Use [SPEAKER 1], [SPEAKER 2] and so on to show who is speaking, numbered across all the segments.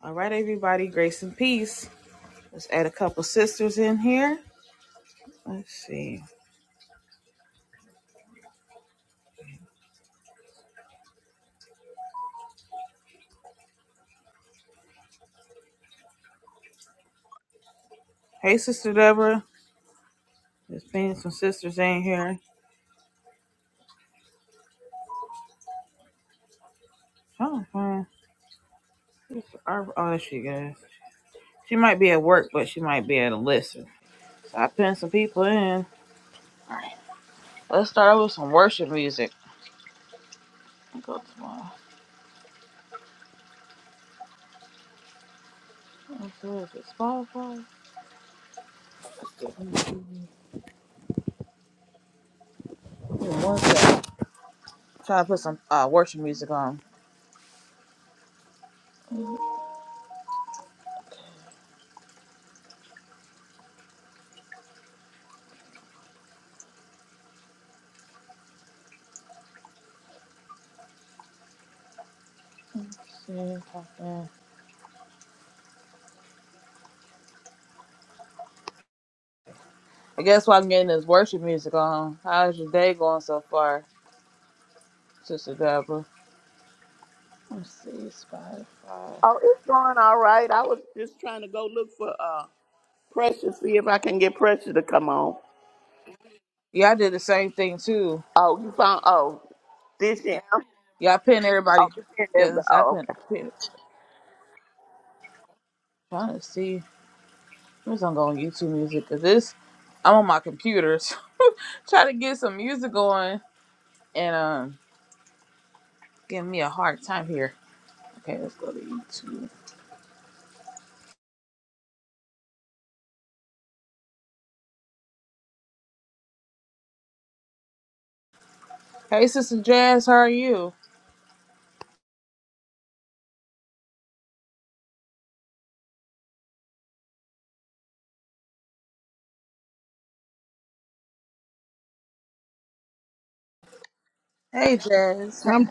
[SPEAKER 1] All right, everybody, grace and peace. Let's add a couple sisters in here. Let's see. Hey, Sister Deborah. There's been some sisters in here. Trying to find oh, there she goes. She might be at work, but she might be at a listen. So I pinned some people in. Let's start with some worship music. Go to my what is it, Spotify. Give me One second. Trying to put some uh, worship music on. I guess while I'm getting this worship music on, how's your day going so far? Sister Deborah. Let's see, Spotify.
[SPEAKER 2] Oh, it's going all right. I was just trying to go look for uh Precious, see if I can get Precious to come on.
[SPEAKER 1] Yeah, I did the same thing too.
[SPEAKER 2] Oh, you found oh this year. Oh,
[SPEAKER 1] Yeah, I pinned everybody.
[SPEAKER 2] you pinned everybody.
[SPEAKER 1] Yes, I
[SPEAKER 2] Oh,
[SPEAKER 1] pinned.
[SPEAKER 2] okay.
[SPEAKER 1] pinned trying to see. I'm just gonna go on YouTube Music because this. I'm on my computer, so try to get some music going and um, giving me a hard time here. Okay, let's go to YouTube. Hey, Sister Jazz, how are you? Hey, Jazz.
[SPEAKER 3] I'm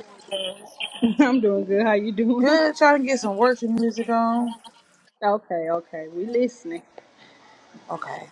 [SPEAKER 3] I'm doing good. How you doing?
[SPEAKER 1] Good. Trying to get some worship music on.
[SPEAKER 3] Okay, okay. We listening.
[SPEAKER 1] Okay.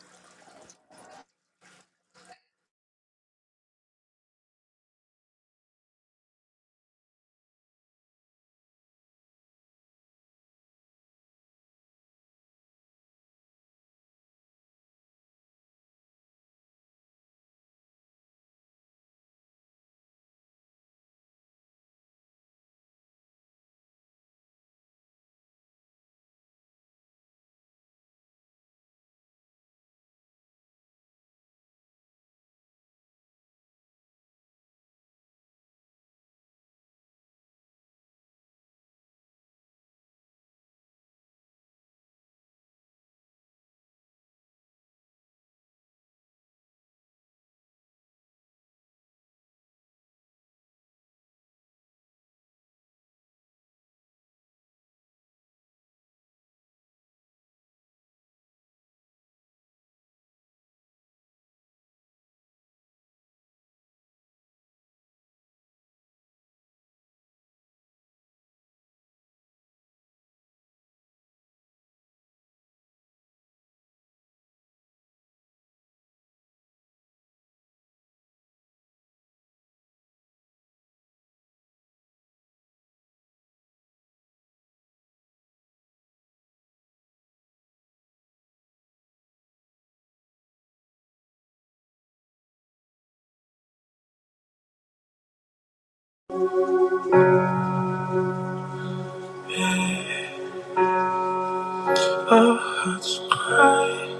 [SPEAKER 1] Our hearts cry,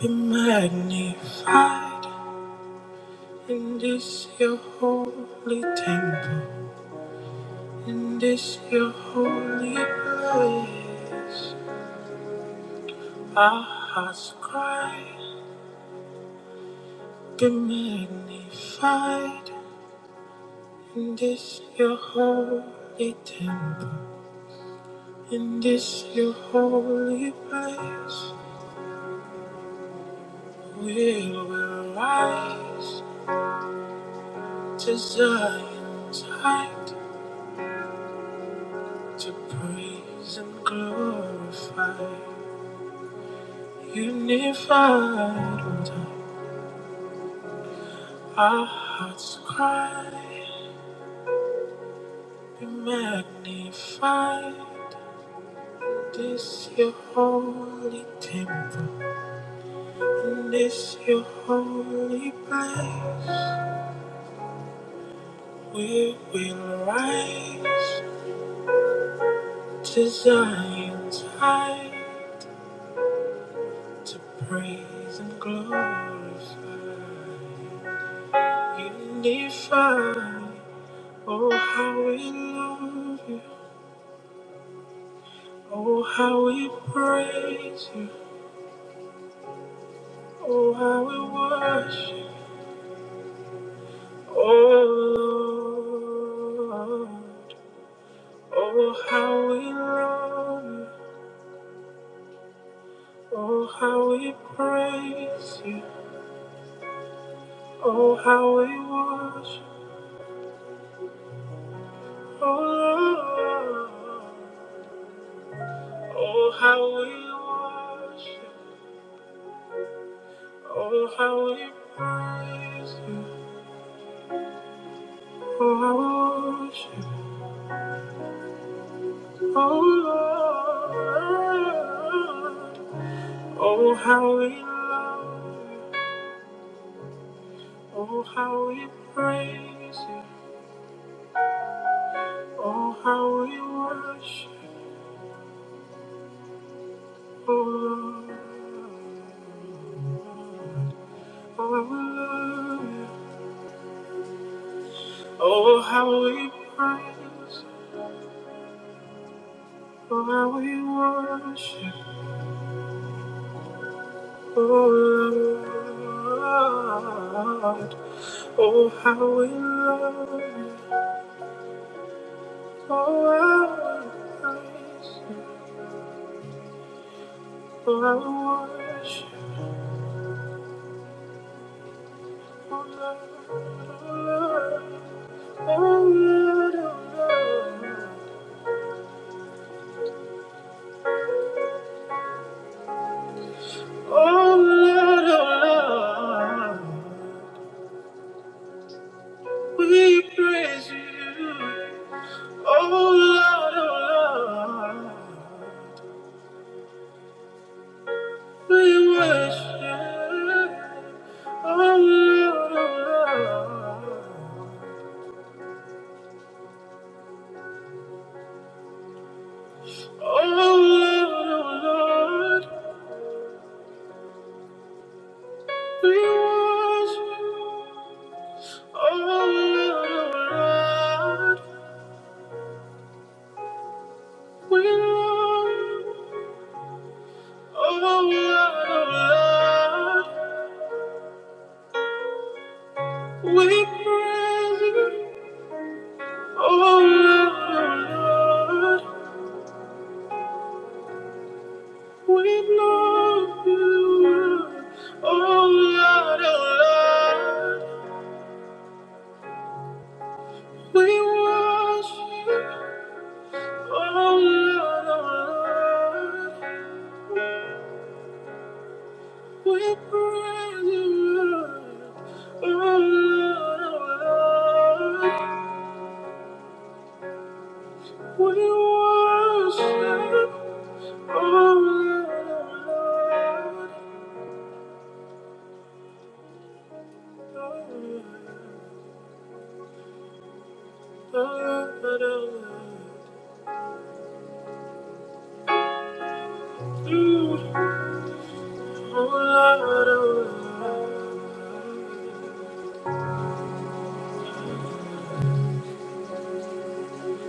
[SPEAKER 1] be magnified. In this your holy temple, in this your holy place, our hearts cry, be magnified. In this your holy temple, in this your holy place, we will rise to Zion's height to praise and glorify, unified. Our hearts cry, be magnified. This your holy temple, in this your holy place. We will rise to Zion's height to praise and glorify. Unify, oh how we love you, oh how we praise you, oh how we worship. Oh, oh, how we love you. Oh, how we praise you. Oh, how we worship. Oh, Lord. Oh, how we worship. Oh, how we praise you. Oh, how we worship. Oh, Lord. Oh, how we love you. Oh, how we praise you. Oh, how we worship, oh Lord. Oh, we love you. Oh, how we praise, oh, how we worship, oh Lord. Oh, how we love you, oh, how we praise you, oh, how we worship, oh Lord. Oh Lord, oh Lord, oh Lord. Oh Lord, oh Lord, we praise you. Oh Lord, oh Lord, we worship. Oh Lord, oh Lord, oh Lord, oh Lord, we worship. Oh Lord, oh Lord, we love. Oh Lord, we praise you. Oh Lord, we love you. Oh Lord, oh Lord, we worship. Oh Lord, oh Lord, we praise you. Oh Lord, oh Lord. We worship, oh Lord, oh Lord, oh Lord, oh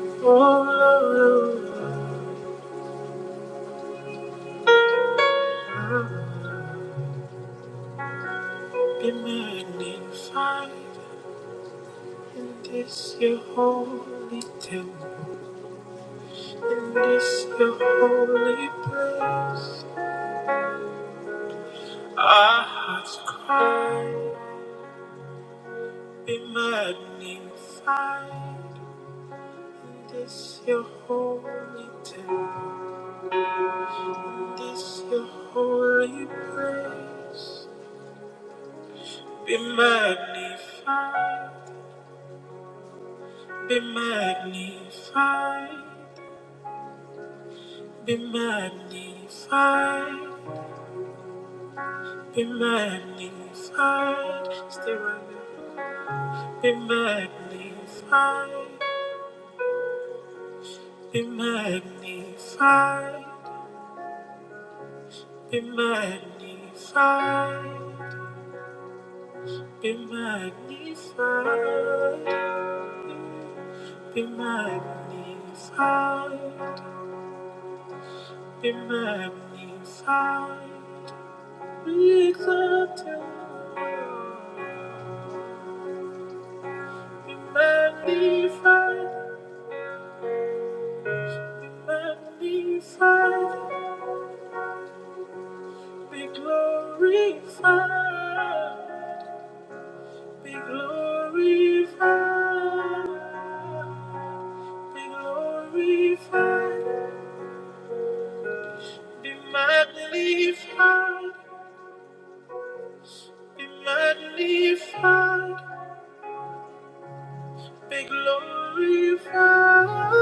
[SPEAKER 1] Lord, oh Lord, be magnified in this your holy temple, in this your holy place. Our hearts cry, be magnified. This your holy temple, this your holy place. Be magnified, be magnified, be magnified, be magnified. Stay right there. Be magnified, be magnified. Be magnified, be magnified, be magnified, be magnified, be exalted, be magnified, be magnified, be glorified. Be glorified, be glorified, be magnified, be magnified, be glorified,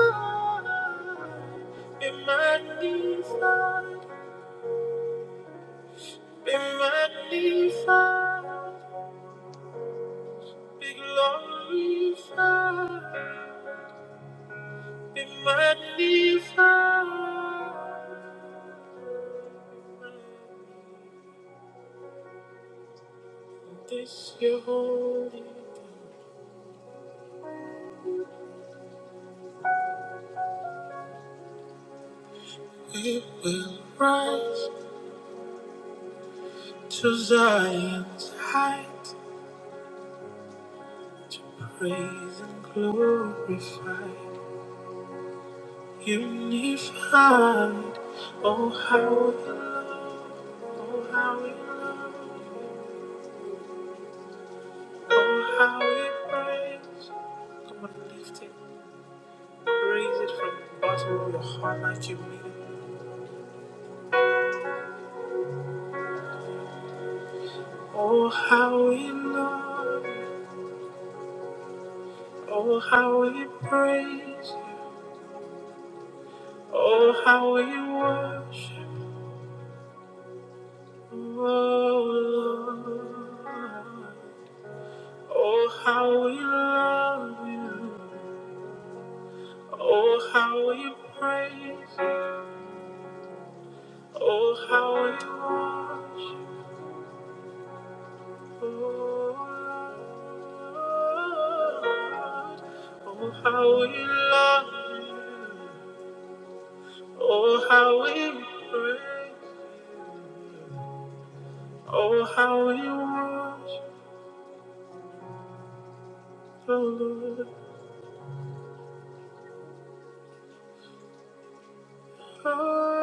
[SPEAKER 1] be magnified, be magnified, be glorified, be magnified. This your holy name. We will rise to Zion's height to praise and glorify. Unified, oh how we love, oh how we love, oh how we praise. Come on, lift it, praise it from the bottom of your heart like you mean it. Oh how we love, oh how we praise. Oh, how we worship you, oh Lord. Oh, how we love you. Oh, how we praise you. Oh, how we worship oh Lord. Oh, how we love you. Oh, how we praise. Oh, how we worship the Lord. Lord,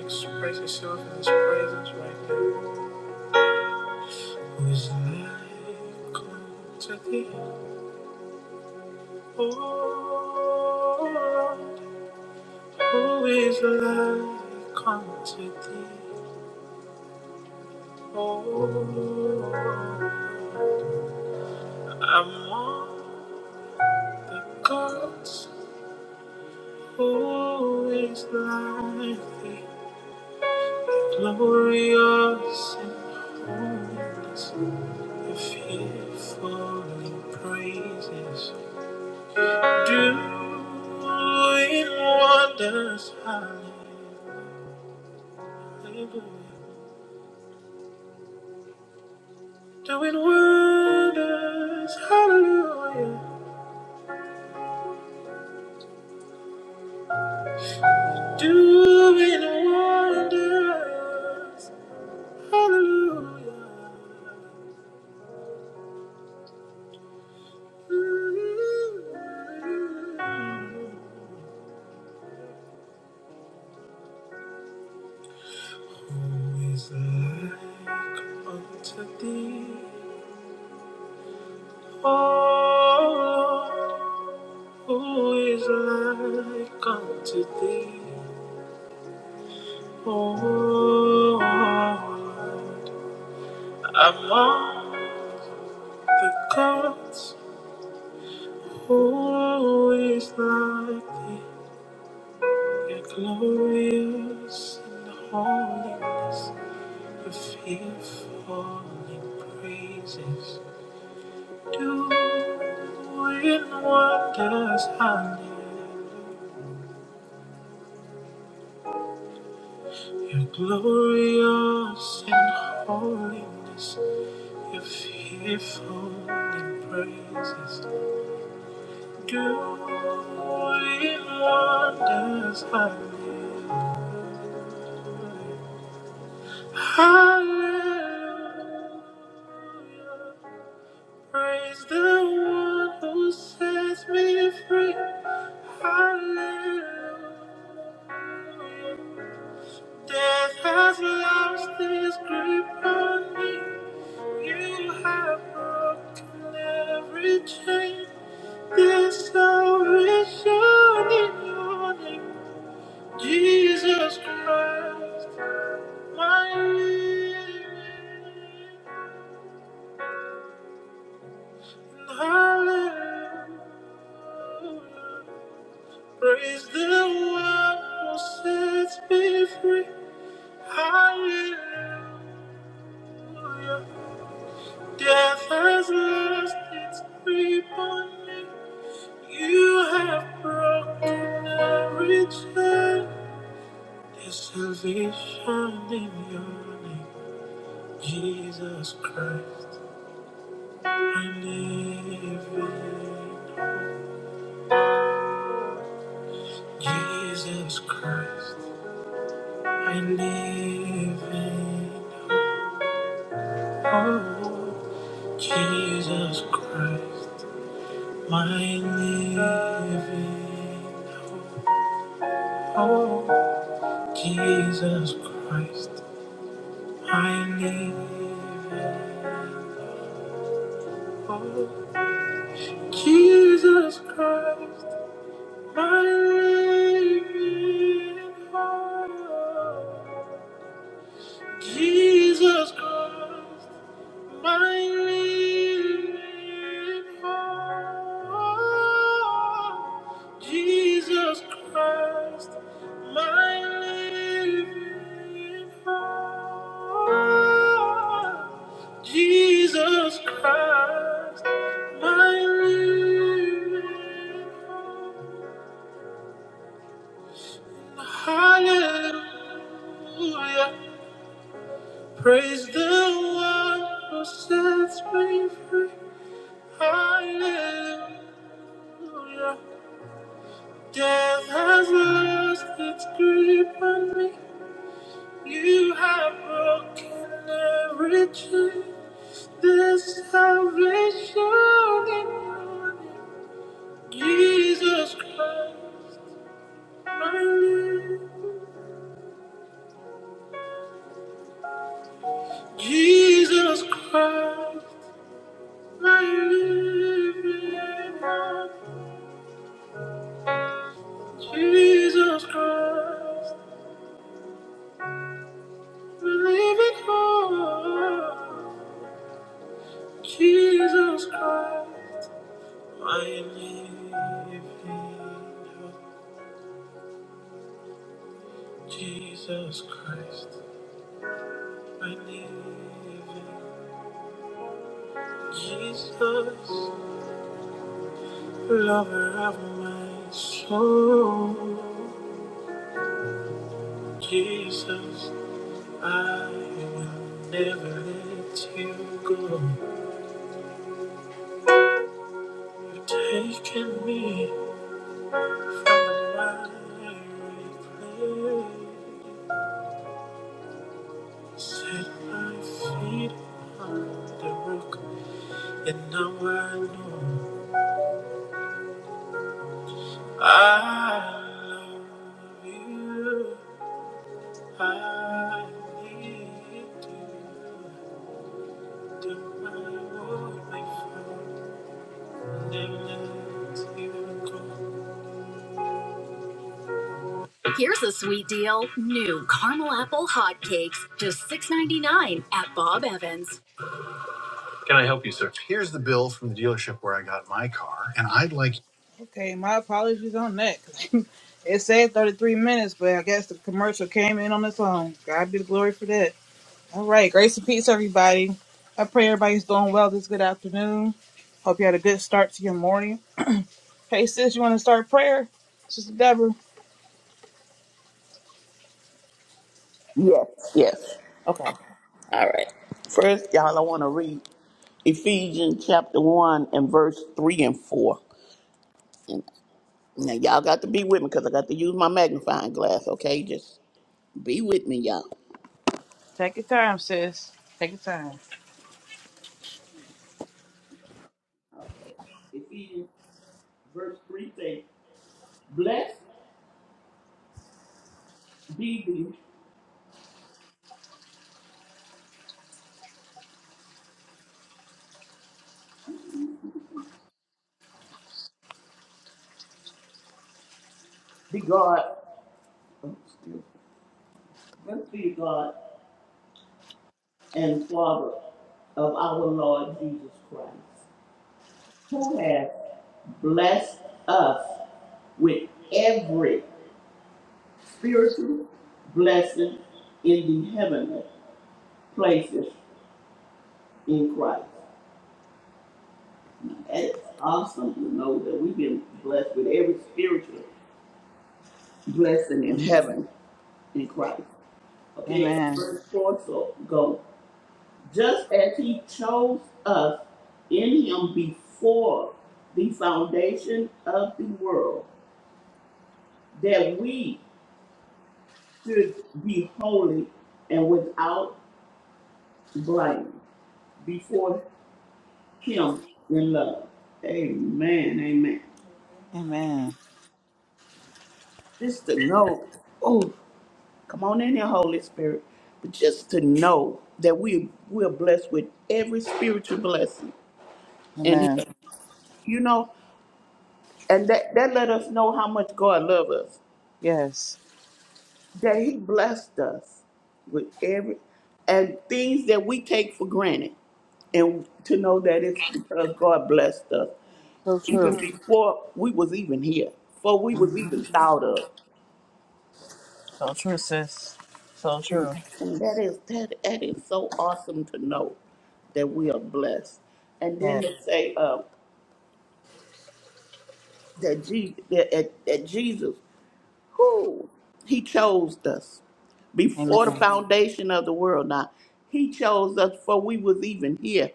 [SPEAKER 1] express yourself in His presence right now. Who is like unto thee? Lord, who is like unto thee? Oh, I'm The God's who is like thee, glorious and holiness, and fearfully praises, doing wonders, hallelujah, doing wonders, hallelujah, doing wonders, hallelujah. Is like unto thee, O Lord, who is like unto thee, O Lord, among the gods, who is like thee, You're glorious in holiness. The fearfully praises doing wonders hallelujah. You're glorious in holiness. You're fearful praises doing wonders hallelujah. Hallelujah. Praise the one who sets me free. Hallelujah. Death has lost its grip on me. You have broken every chain. There's salvation in your name, Jesus Christ, my Redeemer. Hallelujah, Praise the one who sets me free. Hallelujah. Death has lost its grip on me. You have broken every chain. There's salvation in your name, Jesus Christ. My living Jesus Christ. I live in hope, Jesus Christ, my living hope, Jesus Christ, my living hope, Jesus Christ, my living hope, Jesus Christ. Jesus Christ, my living hope. Jesus Christ, my living hope. Hallelujah. Praise the one who sets me free. Hallelujah. Death has lost its grip on me. You have broken every chain. There's salvation in your name. Jesus Christ, my living. Jesus Christ, my living. hope. Jesus Christ. Believe it all, Jesus Christ, my living hope. Jesus Christ, my living hope. Jesus, lover of my soul. Jesus, I will never let you go. You've taken me on my replay. Set my feet on the rock, and now I know I love you. I need you. Don't worry, my friend. Never let you go. Here's a sweet deal. New caramel apple hotcakes, just $6.99 at Bob Evans. Here's the bill from the dealership where I got my car, and I'd like. Okay, my apologies on that. it said 33 minutes, but I guess the commercial came in on its own. God be the glory for that. All right, grace and peace, everybody. I pray everybody's doing well this good afternoon. Hope you had a good start to your morning. Hey, sis, you want to start prayer? Sister Deborah.
[SPEAKER 2] Yes, yes.
[SPEAKER 1] Okay.
[SPEAKER 2] All right. First, y'all, I want to read Ephesians chapter one and verse three and four. And now y'all got to be with me because I got to use my magnifying glass. Okay, just be with me, y'all.
[SPEAKER 1] Take your time, sis. Take your time.
[SPEAKER 2] Ephesians verse three says, "Blessed be the, the God." Blessed be God and Father of our Lord Jesus Christ, who has blessed us with every spiritual blessing in the heavenly places in Christ. And it's awesome to know that we've been blessed with every spiritual blessing in heaven in Christ. Okay, and
[SPEAKER 1] Amen.
[SPEAKER 2] verse 4 so go. just as he chose us in him before the foundation of the world, that we should be holy and without blame before him in love. Amen. Amen.
[SPEAKER 1] Amen.
[SPEAKER 2] Just to know, oh, come on in here, Holy Spirit. But just to know that we we're blessed with every spiritual blessing in
[SPEAKER 1] Amen.
[SPEAKER 2] him. You know, and that, that let us know how much God loves us
[SPEAKER 1] Yes.
[SPEAKER 2] that he blessed us with every and things that we take for granted and to know that it's because god blessed us
[SPEAKER 1] So
[SPEAKER 2] even
[SPEAKER 1] true.
[SPEAKER 2] Mhm. before we was even here before we was
[SPEAKER 1] Mm-hmm.
[SPEAKER 2] even thought of
[SPEAKER 1] So true, sis. So true.
[SPEAKER 2] and that is that, that is so awesome to know that we are blessed and then
[SPEAKER 1] Yes.
[SPEAKER 2] to say uh, that jesus that, that that jesus who he chose us before the
[SPEAKER 1] Amen.
[SPEAKER 2] foundation of the world now he chose us before we was even here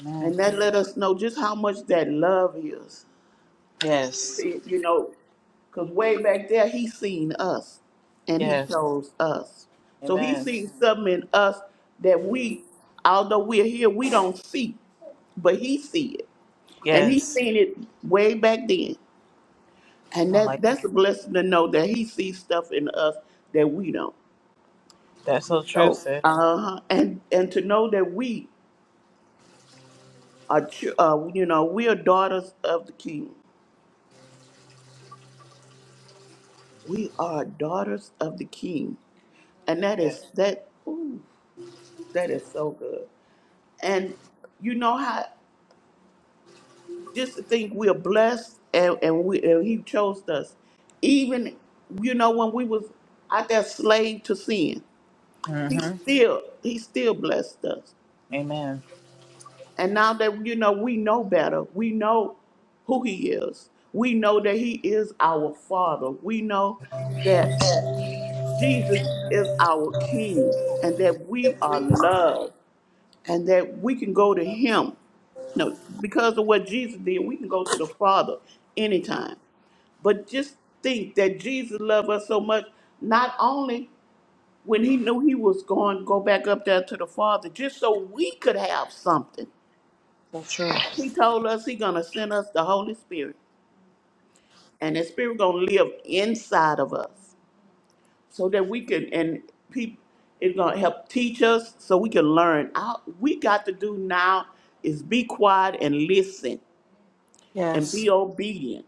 [SPEAKER 1] Amen.
[SPEAKER 2] And that let us know just how much that love is.
[SPEAKER 1] Yes.
[SPEAKER 2] It- You know, because way back there, he seen us and he
[SPEAKER 1] Yes.
[SPEAKER 2] chose us. So he
[SPEAKER 1] Amen.
[SPEAKER 2] sees something in us that we, although we're here, we don't see, but he see it. And he
[SPEAKER 1] Yes.
[SPEAKER 2] seen it way back then. And
[SPEAKER 1] I
[SPEAKER 2] that
[SPEAKER 1] like
[SPEAKER 2] that's a blessing to know that he sees stuff in us that we don't.
[SPEAKER 1] that. that's so true,
[SPEAKER 2] So,
[SPEAKER 1] sis.
[SPEAKER 2] uh, and and to know that we are, chil- uh, you know, we are daughters of the King. We are daughters of the King, and that
[SPEAKER 1] Yes.
[SPEAKER 2] is that. Ooh, that is so good. And you know how just to think we're blessed, and and we and He chose us. Even you know when we was out there slave to sin, He
[SPEAKER 1] Mm-hmm.
[SPEAKER 2] still He still blessed us.
[SPEAKER 1] Amen.
[SPEAKER 2] And now that you know we know better, we know who He is. We know that He is our Father. We know that. Jesus is our King and that we are loved and that we can go to Him. No, because of what Jesus did, we can go to the Father anytime. But just think that Jesus loved us so much, not only when he knew he was going to go back up there to the Father, just so we could have something.
[SPEAKER 1] So true.
[SPEAKER 2] He told us He's gonna send us the Holy Spirit. And the Spirit gonna live inside of us. so that we can and people it's gonna help teach us so we can learn. All we got to do now is be quiet and listen and
[SPEAKER 1] Yes.
[SPEAKER 2] be obedient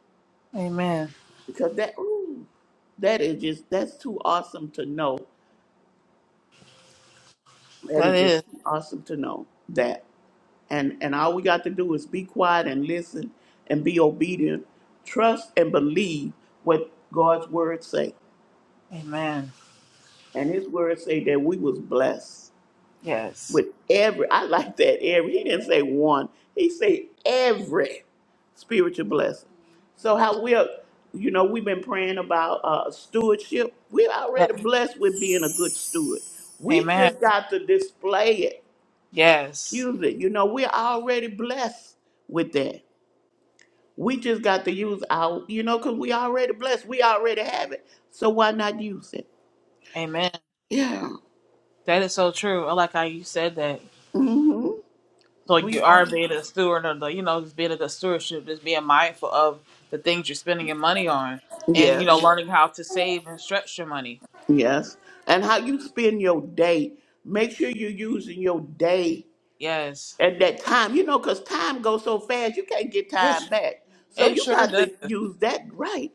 [SPEAKER 1] Amen.
[SPEAKER 2] because that ooh, that is just that's too awesome to know. That
[SPEAKER 1] That
[SPEAKER 2] is just
[SPEAKER 1] is.
[SPEAKER 2] awesome to know that and and all we got to do is be quiet and listen and be obedient trust and believe what god's word say
[SPEAKER 1] Amen.
[SPEAKER 2] and his word say that we was blessed
[SPEAKER 1] Yes.
[SPEAKER 2] with every I like that every he didn't say one he said every spiritual blessing so how we're you know we've been praying about uh stewardship we're
[SPEAKER 1] Yeah.
[SPEAKER 2] already blessed with being a good steward we
[SPEAKER 1] Amen.
[SPEAKER 2] just got to display it
[SPEAKER 1] Yes.
[SPEAKER 2] use it you know we're already blessed with that we just got to use our you know because we already blessed we already have it so why not use it
[SPEAKER 1] Amen.
[SPEAKER 2] yeah
[SPEAKER 1] That is so true. I like how you said that.
[SPEAKER 2] hmm
[SPEAKER 1] So you
[SPEAKER 2] we
[SPEAKER 1] are
[SPEAKER 2] are
[SPEAKER 1] being a steward of the, you know, just being a good stewardship, just being mindful of the things you're spending your money on, and you know,
[SPEAKER 2] yes
[SPEAKER 1] Mhm. learning how to save and stretch your money.
[SPEAKER 2] Yes. And how you spend your day. Make sure you're using your day
[SPEAKER 1] Yes,
[SPEAKER 2] and that time, you know, because time goes so fast, you can't get
[SPEAKER 1] it
[SPEAKER 2] time
[SPEAKER 1] su-
[SPEAKER 2] back. So
[SPEAKER 1] it
[SPEAKER 2] you
[SPEAKER 1] sure
[SPEAKER 2] got to
[SPEAKER 1] does.
[SPEAKER 2] use that right.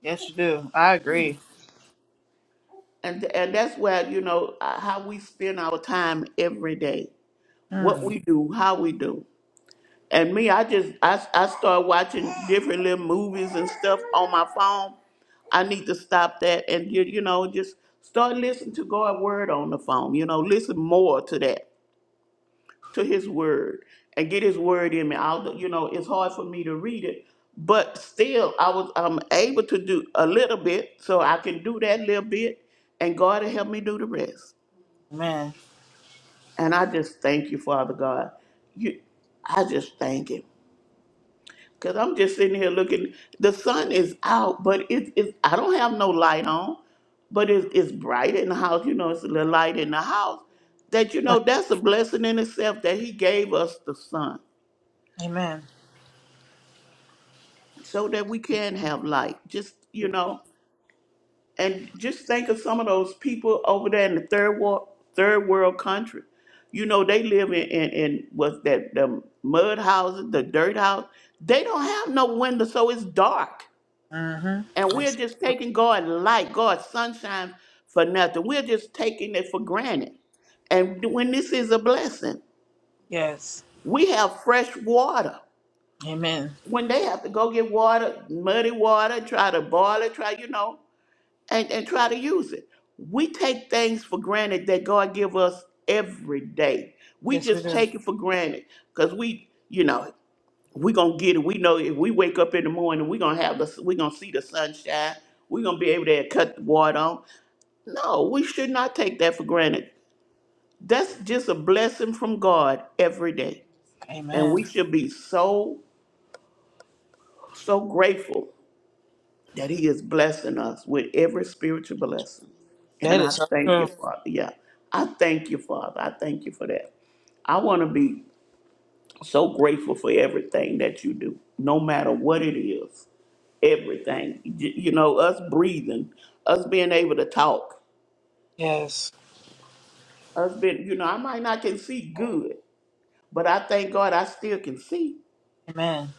[SPEAKER 1] Yes, you do. I agree.
[SPEAKER 2] And, and that's where, you know, uh, how we spend our time every day, what
[SPEAKER 1] Mm,
[SPEAKER 2] we do, how we do. And me, I just, I, I start watching different little movies and stuff on my phone. I need to stop that and, you, you know, just start listening to God's word on the phone, you know, listen more to that to his word and get his word in me. I'll, you know, it's hard for me to read it, but still I was I'm able to do a little bit, so I can do that little bit and God will help me do the rest.
[SPEAKER 1] amen.
[SPEAKER 2] And I just thank you, Father God. You I just thank him. Cause I'm just sitting here looking the sun is out, but it is I don't have no light on, but it's it's bright in the house, you know, it's a little light in the house. That you know
[SPEAKER 1] Right.
[SPEAKER 2] that's a blessing in itself that he gave us the sun
[SPEAKER 1] Amen.
[SPEAKER 2] so that we can have light. Just you know, and just think of some of those people over there in the third world third world country. You know, they live in in, in what's that the mud houses, the dirt house. They don't have no window, so it's dark,
[SPEAKER 1] Mm-hmm.
[SPEAKER 2] and we're
[SPEAKER 1] Yes.
[SPEAKER 2] just taking God light, God's sunshine for nothing. We're just taking it for granted. And when this is a blessing,
[SPEAKER 1] Yes.
[SPEAKER 2] we have fresh water.
[SPEAKER 1] Amen.
[SPEAKER 2] When they have to go get water, muddy water, try to boil it, try you know, and, and try to use it. We take things for granted that God give us every day. We
[SPEAKER 1] Yes, we
[SPEAKER 2] just
[SPEAKER 1] do.
[SPEAKER 2] take it for granted because we, you know, we gonna get it. We know if we wake up in the morning, we gonna have the, we gonna see the sunshine. we gonna be able to cut the water on. No, we should not take that for granted. That's just a blessing from God every day, and we
[SPEAKER 1] Amen.
[SPEAKER 2] should be so so grateful that He is blessing us with every spiritual blessing.
[SPEAKER 1] That
[SPEAKER 2] And I
[SPEAKER 1] is so
[SPEAKER 2] thank you,
[SPEAKER 1] true.
[SPEAKER 2] Father. Yeah, I thank you, Father. I thank you for that. I want to be so grateful for everything that you do, no matter what it is. Everything, Y- you know, us breathing, us being able to talk,
[SPEAKER 1] Yes.
[SPEAKER 2] us being, you know, I might not can see good, but I thank God I still can see.
[SPEAKER 1] Amen.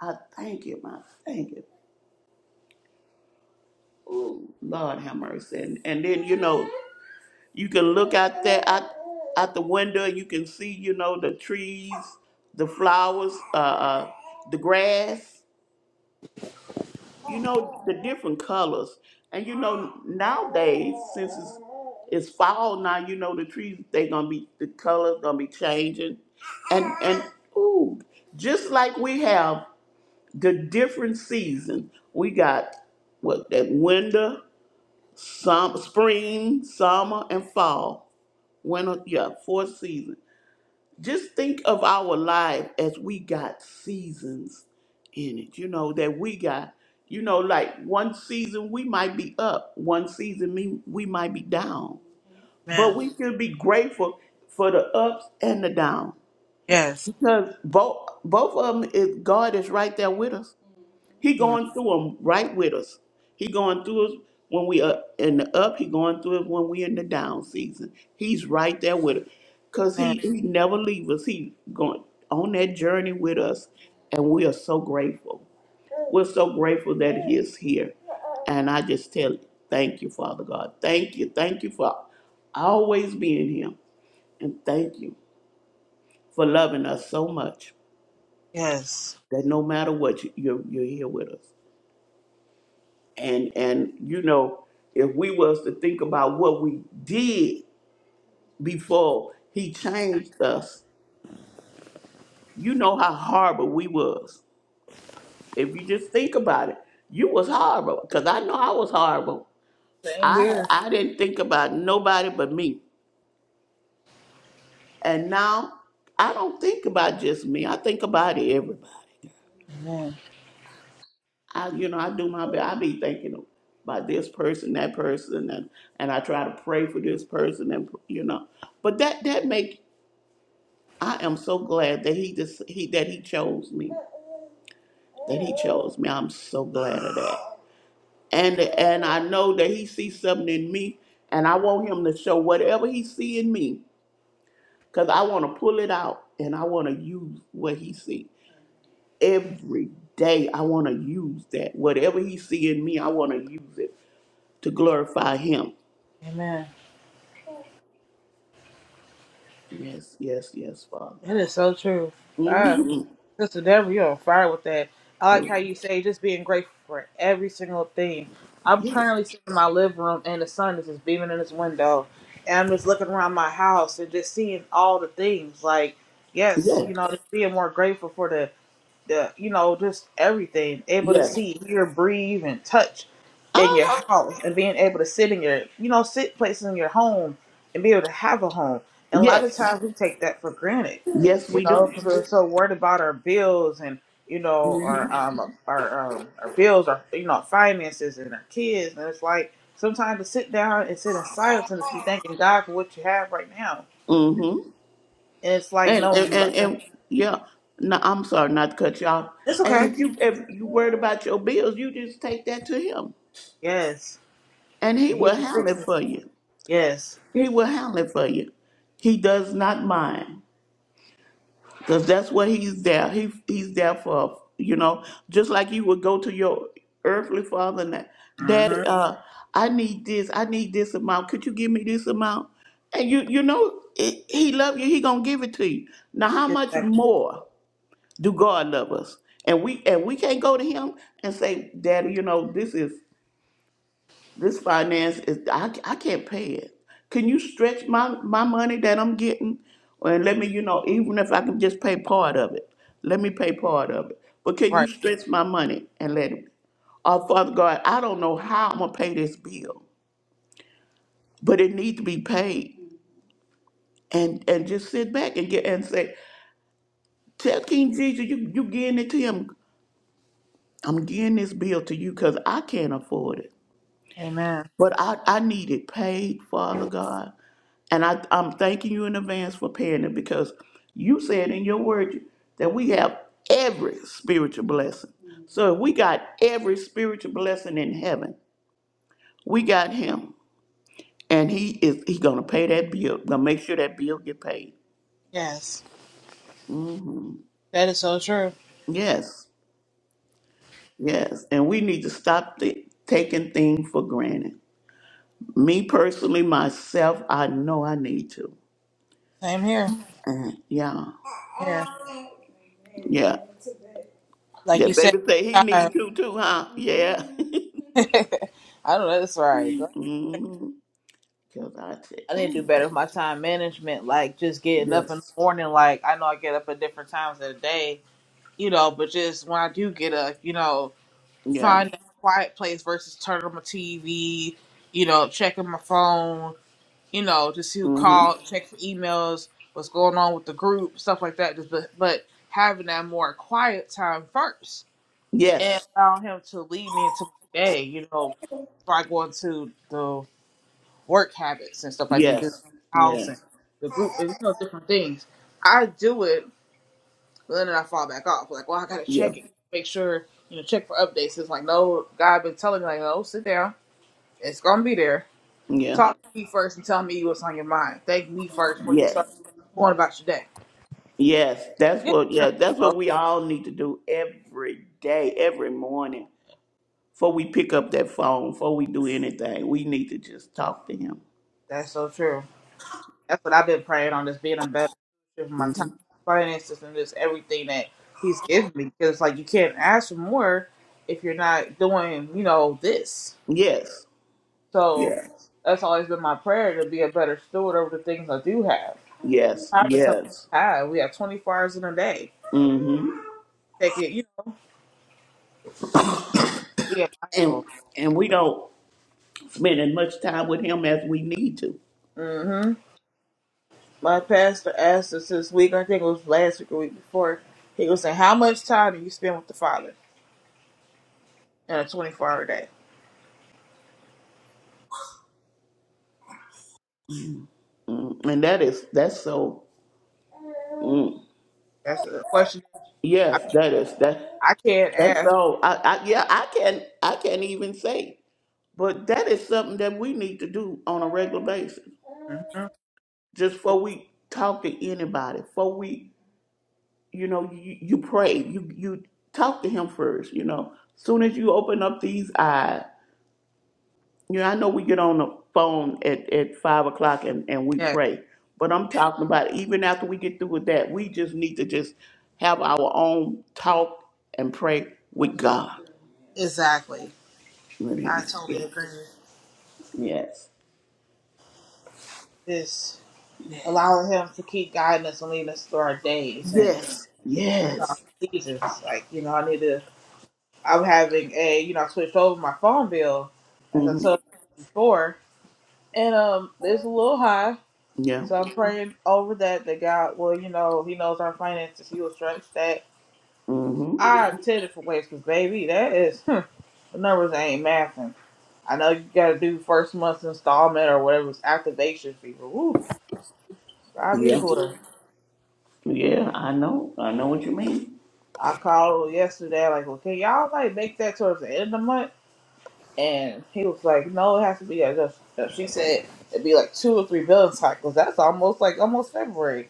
[SPEAKER 2] I thank Him. I thank Him. Ooh, Lord have mercy. And, and then, you know, You can look out there out, out the window. You can see, you know, the trees, the flowers, uh, uh, the grass. You know the different colors. And you know nowadays, since it's it's fall now, you know the trees they gonna be the colors gonna be changing, and and ooh, just like we have the different season. We got what that winter, summer, spring, summer, and fall. Winter, yeah, four seasons just think of our life as we got seasons in it, you know, that we got, you know, like one season we might be up, one season me, we might be down. But
[SPEAKER 1] Amen.
[SPEAKER 2] we should be grateful for the ups and the downs
[SPEAKER 1] Yes.
[SPEAKER 2] because both both of them is God is right there with us. He
[SPEAKER 1] Mm,
[SPEAKER 2] going through them right with us. He going through us when we are in the up. He going through it when we in the down season. He's right there with us, cause
[SPEAKER 1] Amen.
[SPEAKER 2] he he never leave us. He going on that journey with us, and we are so grateful. We're so grateful that he is here, and I just tell you, thank you, Father God. Thank you, thank you for always being here, and thank you for loving us so much
[SPEAKER 1] Yes.
[SPEAKER 2] that no matter what, you- you're you're here with us. and and you know if we was to think about what we did before he changed us you know how horrible we was if you just think about it you was horrible because i know i was horrible
[SPEAKER 1] Same
[SPEAKER 2] i
[SPEAKER 1] here.
[SPEAKER 2] i didn't think about nobody but me and now i don't think about just me i think about everybody
[SPEAKER 1] Amen.
[SPEAKER 2] i you know i do my best i be thinking about this person that person and and i try to pray for this person and you know but that that make I am so glad that he just he that he chose me, that he chose me. I'm so glad of that. And and I know that he sees something in me, and I want him to show whatever he see in me, cause I want to pull it out and I want to use what he see every day. I want to use that whatever he see in me. I want to use it to glorify him.
[SPEAKER 1] Amen.
[SPEAKER 2] Yes, yes, yes, Father.
[SPEAKER 1] That is so true. I,
[SPEAKER 2] hmm
[SPEAKER 1] Sister Deborah, you're on fire with that. I like how you say just being grateful for every single thing. I'm
[SPEAKER 2] Yes,
[SPEAKER 1] currently sitting in my living room and the sun is just beaming in this window. And I'm just looking around my house and just seeing all the things. Like, yes,
[SPEAKER 2] yes,
[SPEAKER 1] you know, just being more grateful for the the you know just everything able to
[SPEAKER 2] yes.
[SPEAKER 1] see hear breathe and touch
[SPEAKER 2] Uh
[SPEAKER 1] in your
[SPEAKER 2] huh.
[SPEAKER 1] house and being able to sit in your you know sit places in your home and be able to have a home and a lot of
[SPEAKER 2] Yes,
[SPEAKER 1] times we take that for granted
[SPEAKER 2] yes,
[SPEAKER 1] you
[SPEAKER 2] we
[SPEAKER 1] know
[SPEAKER 2] do.
[SPEAKER 1] because we're so worried about our bills and you know our um our um our bills our you know finances and our kids and it's like sometimes to sit down and sit in silence and be thanking god for what you have right now
[SPEAKER 2] Mm-hmm.
[SPEAKER 1] and it's like
[SPEAKER 2] And,
[SPEAKER 1] no
[SPEAKER 2] and and and yeah. No, I'm sorry not to cut you off.
[SPEAKER 1] it's
[SPEAKER 2] And
[SPEAKER 1] okay
[SPEAKER 2] if you if you worried about your bills, you just take that to him,
[SPEAKER 1] yes
[SPEAKER 2] and he
[SPEAKER 1] and he
[SPEAKER 2] will
[SPEAKER 1] will
[SPEAKER 2] handle it
[SPEAKER 1] fix it
[SPEAKER 2] for you.
[SPEAKER 1] yes
[SPEAKER 2] He will handle it for you. He does not mind because that's what he's there. He he's there for you know. Just like you would go to your earthly father and that,
[SPEAKER 1] hmm
[SPEAKER 2] Daddy, uh, I need this. I need this amount. Could you give me this amount? And you you know it, he love you. He gonna give it to you. Now how much
[SPEAKER 1] Exactly.
[SPEAKER 2] more? Do God love us? And we and we can't go to Him and say, Daddy, you know this is this finance is I, I can't pay it. Can you stretch my my money that I'm getting and let me you know even if I can just pay part of it, let me pay part of it. But can you
[SPEAKER 1] Right.
[SPEAKER 2] stretch my money and let it? Oh Father God, I don't know how I'm gonna pay this bill, but it needs to be paid. And and just sit back and get and say, tell King Jesus, you you getting it to him. I'm getting this bill to you because I can't afford it.
[SPEAKER 1] Amen.
[SPEAKER 2] But I, I need it paid, Father God. And I, I'm thanking you in advance for paying it because you said in your word that we have every spiritual blessing. So if we got every spiritual blessing in heaven, we got him. And he is he gonna pay that bill, gonna make sure that bill get paid.
[SPEAKER 1] Yes. That is so true.
[SPEAKER 2] Yes, yes. And we need to stop the, taking things for granted. Me personally, myself, I know I need to.
[SPEAKER 1] Same here.
[SPEAKER 2] Uh, yeah,
[SPEAKER 1] Same here.
[SPEAKER 2] yeah.
[SPEAKER 1] Like you
[SPEAKER 2] That
[SPEAKER 1] said,
[SPEAKER 2] baby say he
[SPEAKER 1] time.
[SPEAKER 2] need to too, huh? Yeah.
[SPEAKER 1] I don't know. That's right. Like,
[SPEAKER 2] mm-hmm. Cause I said,
[SPEAKER 1] I need to do better
[SPEAKER 2] ooh,
[SPEAKER 1] with my time management. Like just getting up in
[SPEAKER 2] yes,
[SPEAKER 1] the morning. Like I know I get up at different times of the day, you know, but just when I do get up, you know,
[SPEAKER 2] yeah,
[SPEAKER 1] find a quiet place versus turning on my TV, you know, checking my phone. you know, to see who
[SPEAKER 2] mm-hmm.
[SPEAKER 1] called, check for emails, what's going on with the group, stuff like that. Just but, but having that more quiet time first and
[SPEAKER 2] yes,
[SPEAKER 1] allow him to lead me into my day, you know, before I go into the work habits and stuff I need to do, in
[SPEAKER 2] yes,
[SPEAKER 1] the house and
[SPEAKER 2] yes,
[SPEAKER 1] the group and you know different things. I do it, but then I fall back off. Like, well, I gotta
[SPEAKER 2] yeah,
[SPEAKER 1] check it, make sure you know, check for updates. It's like, no, God been telling me like, no, sit down, it's gonna be there.
[SPEAKER 2] yeah,
[SPEAKER 1] Talk to me first and tell me what's on your mind. Thank me first before you
[SPEAKER 2] yes,
[SPEAKER 1] start going about your day.
[SPEAKER 2] yes. That's
[SPEAKER 1] You
[SPEAKER 2] what, yeah, that's
[SPEAKER 1] know,
[SPEAKER 2] what we all need to do every day, every morning, before we pick up that phone, before we do anything. We need to just talk to him.
[SPEAKER 1] that's so true. That's what I've been praying on, just being a better steward of my time,
[SPEAKER 2] hmm
[SPEAKER 1] finances, and just everything that He's given me. Because it's like you can't ask for more if you're not doing, you know, this.
[SPEAKER 2] Yes,
[SPEAKER 1] So
[SPEAKER 2] yes,
[SPEAKER 1] that's always been my prayer to be a better steward over the things I do have.
[SPEAKER 2] yes,
[SPEAKER 1] Time is something
[SPEAKER 2] yes.
[SPEAKER 1] I have. We have 24 hours in a day.
[SPEAKER 2] Mm-hmm.
[SPEAKER 1] Take it, you know, be
[SPEAKER 2] And
[SPEAKER 1] mindful.
[SPEAKER 2] and we don't. Spending much time with him as we need to.
[SPEAKER 1] Mm hmm. My pastor asked us this week, I think it was last week or week before, he was saying, How much time do you spend with the Father in a 24 hour day?
[SPEAKER 2] Mm, And that is that's so mm,
[SPEAKER 1] That's a question I,
[SPEAKER 2] yes, that is that
[SPEAKER 1] I can't
[SPEAKER 2] that's
[SPEAKER 1] ask.
[SPEAKER 2] so I, I yeah, I can I can't even say. But that is something that we need to do on a regular basis.
[SPEAKER 1] hmm
[SPEAKER 2] Just before we talk to anybody, before we you know, you, you pray, you you talk to him first, you know. Soon as you open up these eyes, You know, I know we get on the phone at, at five o'clock and, and we
[SPEAKER 1] Yeah,
[SPEAKER 2] pray, but I'm talking about even after we get through with that, we just need to just have our own talk and pray with God.
[SPEAKER 1] exactly.
[SPEAKER 2] With
[SPEAKER 1] I
[SPEAKER 2] Him.
[SPEAKER 1] totally agree.
[SPEAKER 2] Yes.
[SPEAKER 1] Just allowing Him to keep guiding us and leading us through our days and
[SPEAKER 2] Yes.
[SPEAKER 1] you know, our
[SPEAKER 2] Yes.
[SPEAKER 1] seasons. Like, you know, I need to, I'm having a, you know, I switched over my phone bill, as I
[SPEAKER 2] Mm-hmm.
[SPEAKER 1] told you before, and um, it's a little high
[SPEAKER 2] Yeah.
[SPEAKER 1] So I'm praying over that that God Well, you know, He knows our finances. He will stretch that.
[SPEAKER 2] Mm-hmm.
[SPEAKER 1] I intended for ways, cause baby, that is hmm, the numbers ain't mathing. I know you got to do first month's installment or whatever's activation fee, but woo, God be the
[SPEAKER 2] Yeah.
[SPEAKER 1] glory.
[SPEAKER 2] Yeah. I know. I know what you mean.
[SPEAKER 1] I called yesterday, like, well, can y'all like make that towards the end of the month? And he was like, no, it has to be. I just she said it'd be like two or three billing cycles. That's almost like almost February.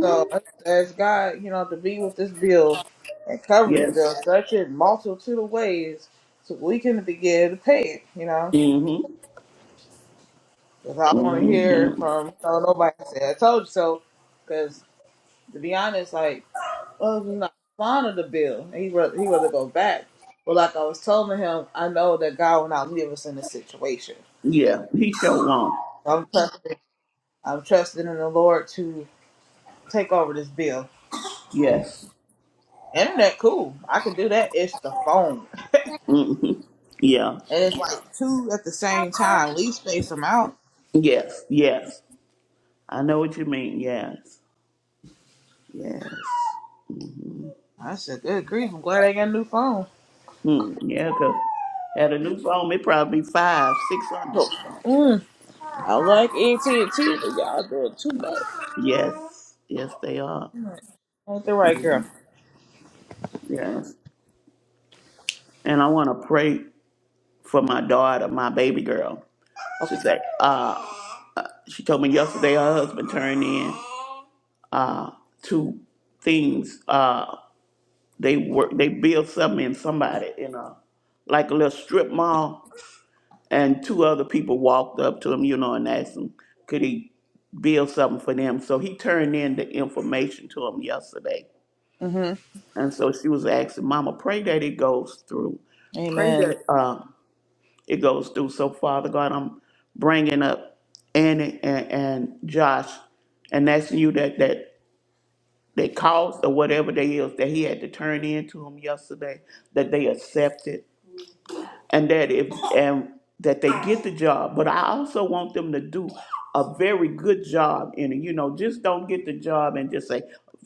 [SPEAKER 1] So I just ask God, you know, to be with this bill and cover this
[SPEAKER 2] Yes.
[SPEAKER 1] bill, such in multitude of ways, so we can begin to pay it. You know,
[SPEAKER 2] Mm-hmm.
[SPEAKER 1] because I want to hear
[SPEAKER 2] Mm-hmm.
[SPEAKER 1] from you know, nobody say I told you so. Because to be honest, like, well, he's not fond of the bill. and He rather he rather go back. But like I was telling him, I know that God will not leave us in this situation.
[SPEAKER 2] Yeah. He showed wrong.
[SPEAKER 1] I'm trusting, I'm trusting in the Lord to take over this bill.
[SPEAKER 2] Yes.
[SPEAKER 1] Internet, cool. I can do that. It's the phone.
[SPEAKER 2] Mm-hmm. Yeah.
[SPEAKER 1] And it's like two at the same time. At least space them out.
[SPEAKER 2] Yes, yes. I know what you mean. Yes, yes.
[SPEAKER 1] I said, good grief, I'm glad I got a new phone.
[SPEAKER 2] Hmm. Yeah, 'cause at a new phone, it probably be five, six hundred.
[SPEAKER 1] Mm, I like AT&T, but y'all doing too much.
[SPEAKER 2] Yes, yes, they are.
[SPEAKER 1] like, Ain't the right girl.
[SPEAKER 2] Yes. And I want to pray for my daughter, my baby girl.
[SPEAKER 1] Okay.
[SPEAKER 2] She's like, uh, she told me yesterday her husband turned in two things. Uh, they work, they built something in somebody in a like a little strip mall and two other people walked up to him, you know, and asked him, could he build something for them? So he turned in the information to him yesterday.
[SPEAKER 1] Mm-hmm.
[SPEAKER 2] And so she was asking, Mama, pray that it goes through. Pray
[SPEAKER 1] Amen.
[SPEAKER 2] that uh, it goes through. So, Father God, I'm bringing up Annie and, and Josh and asking you that, that that cost or whatever they is that he had to turn in to him yesterday, that they accepted. and that if and that they get the job but i also want them to do a very good job in it you know just don't get the job and just say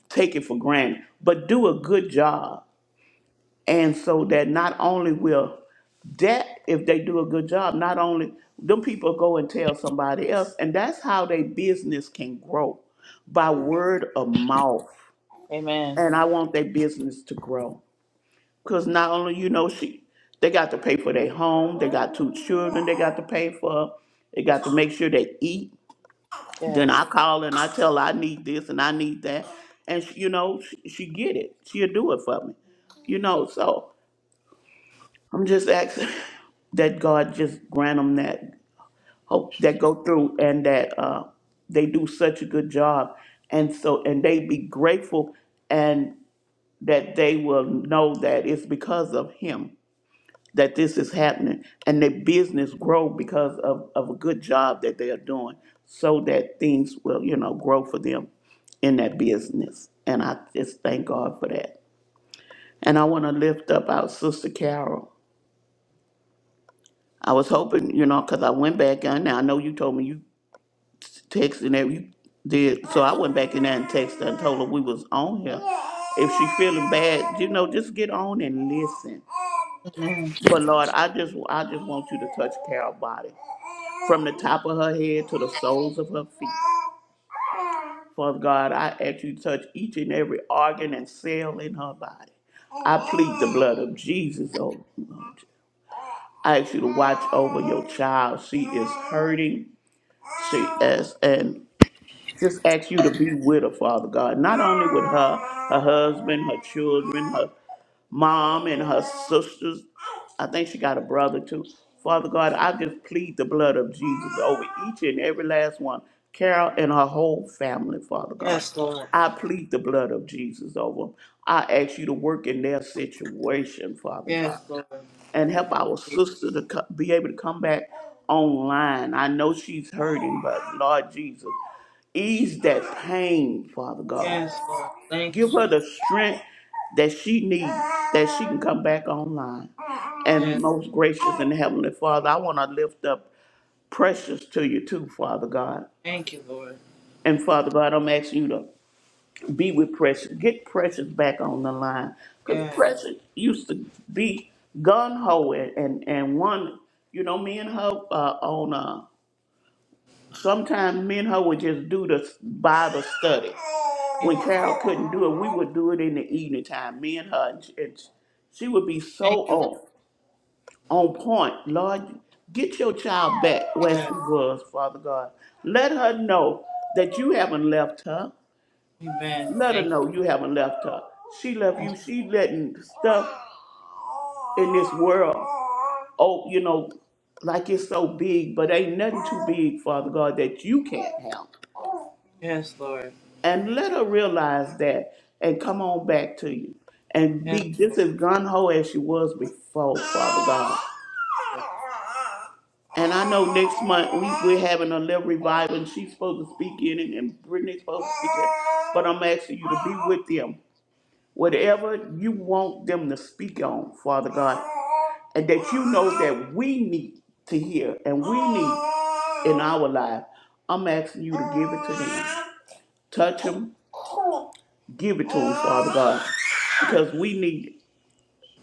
[SPEAKER 2] take it for granted but do a good job and so that not only will that if they do a good job not only them people go and tell somebody else and that's how their business can grow by word of mouth
[SPEAKER 1] Amen.
[SPEAKER 2] and i want their business to grow because not only you know she, they got to pay for their home. They got two children. They got to pay for. They got to make sure they eat. Then
[SPEAKER 1] Yes.
[SPEAKER 2] I call and I tell her I need this and I need that, and she, you know she, she get it. She'll do it for me, you know. So I'm just asking that God just grant them that hope that go through and that uh, they do such a good job, and so and they be grateful and that they will know that it's because of Him that this is happening and their business grow because of, of a good job that they are doing so that things will, you know, grow for them in that business. And I just thank God for that. And I want to lift up our sister Carol. I was hoping, you know, because I went back in there. I know you told me you texted and every- you did. So I went back in there and texted her and told her we was on here. If she feeling bad, you know, just get on and listen.
[SPEAKER 1] Amen.
[SPEAKER 2] But Lord, I just I just want you to touch Carol's body from the top of her head to the soles of her feet. Father God, I ask you to touch each and every organ and cell in her body. I plead the blood of Jesus over you. I ask you to watch over your child. She is hurting. She is, and just ask you to be with her, Father God. Not only with her, her husband, her children, her mom and her sisters. I think she got a brother too. Father God, I just plead the blood of Jesus over each and every last one, Carol and her whole family, Father God.
[SPEAKER 1] Yes, Lord.
[SPEAKER 2] I plead the blood of Jesus over them. I ask you to work in their situation, Father God,
[SPEAKER 1] Yes, Lord.
[SPEAKER 2] and help our sister to co- be able to come back online. I know she's hurting, but Lord Jesus, ease that pain, Father God.
[SPEAKER 1] Yes, Lord. Thank you,
[SPEAKER 2] Give her
[SPEAKER 1] Jesus.
[SPEAKER 2] the strength that she needs, that she can come back online. And
[SPEAKER 1] Yes.
[SPEAKER 2] most gracious and heavenly Father, I want to lift up precious to you too, Father God.
[SPEAKER 1] Thank you, Lord.
[SPEAKER 2] And Father God, I'm asking you to be with Precious. Get Precious back on the line. Because
[SPEAKER 1] Yes.
[SPEAKER 2] Precious used to be gun ho and, and and one, you know, me and her uh, on, uh, sometimes me and her would just do the Bible study. when
[SPEAKER 1] Amen.
[SPEAKER 2] Carol couldn't do it, we would do it in the evening time. Me and her, and, and she would be so
[SPEAKER 1] Thank you, Lord.
[SPEAKER 2] on on point. Lord, get your child back where she
[SPEAKER 1] Yes.
[SPEAKER 2] was, Father God. Let her know that you haven't left her.
[SPEAKER 1] Amen.
[SPEAKER 2] Let her
[SPEAKER 1] Thank you.
[SPEAKER 2] know you haven't left her. She left
[SPEAKER 1] Thank
[SPEAKER 2] you.
[SPEAKER 1] you.
[SPEAKER 2] She letting stuff in this world. Oh, you know, like it's so big, but ain't nothing too big, Father God, that you can't handle.
[SPEAKER 1] Yes, Lord.
[SPEAKER 2] and let her realize that and come on back to you and
[SPEAKER 1] Yes,
[SPEAKER 2] be just
[SPEAKER 1] Lord.
[SPEAKER 2] as gun ho as she was before, Father God.
[SPEAKER 1] Yes, Lord.
[SPEAKER 2] And I know next month we, we're having a little revival and she's supposed to speak in it and Brittany's supposed to speak in it. But I'm asking you to be with them. Whatever you want them to speak on, Father God, and that you know that we need to hear and we need in our life, I'm asking you to give it to them. Touch them. Give it to them, Father God, because we need,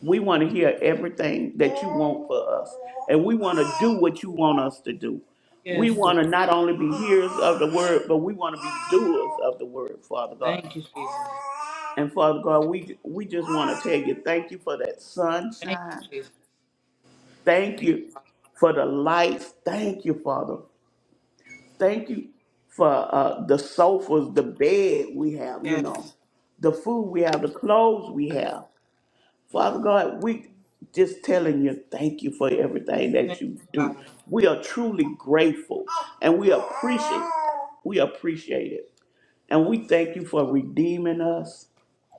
[SPEAKER 2] we want to hear everything that you want for us. And we want to do what you want us to do. We
[SPEAKER 1] Yes, Lord.
[SPEAKER 2] want to not only be hearers of the word, but we want to be doers of the word, Father God.
[SPEAKER 1] Thank you, Jesus.
[SPEAKER 2] And Father God, we we just want to tell you thank you for that
[SPEAKER 1] Thank you,
[SPEAKER 2] sunshine.
[SPEAKER 1] Jesus.
[SPEAKER 2] Thank
[SPEAKER 1] Thank
[SPEAKER 2] you for the lights. Thank you, Father. Thank you for uh, the sofas, the bed we have,
[SPEAKER 1] you.
[SPEAKER 2] you know,
[SPEAKER 1] Yes.
[SPEAKER 2] the food we have, the clothes we have. Father God, we just telling you thank you for everything that
[SPEAKER 1] Thank
[SPEAKER 2] you
[SPEAKER 1] you,
[SPEAKER 2] do.
[SPEAKER 1] Father.
[SPEAKER 2] We are truly grateful and we appreciate we appreciate it. And we thank you for redeeming us.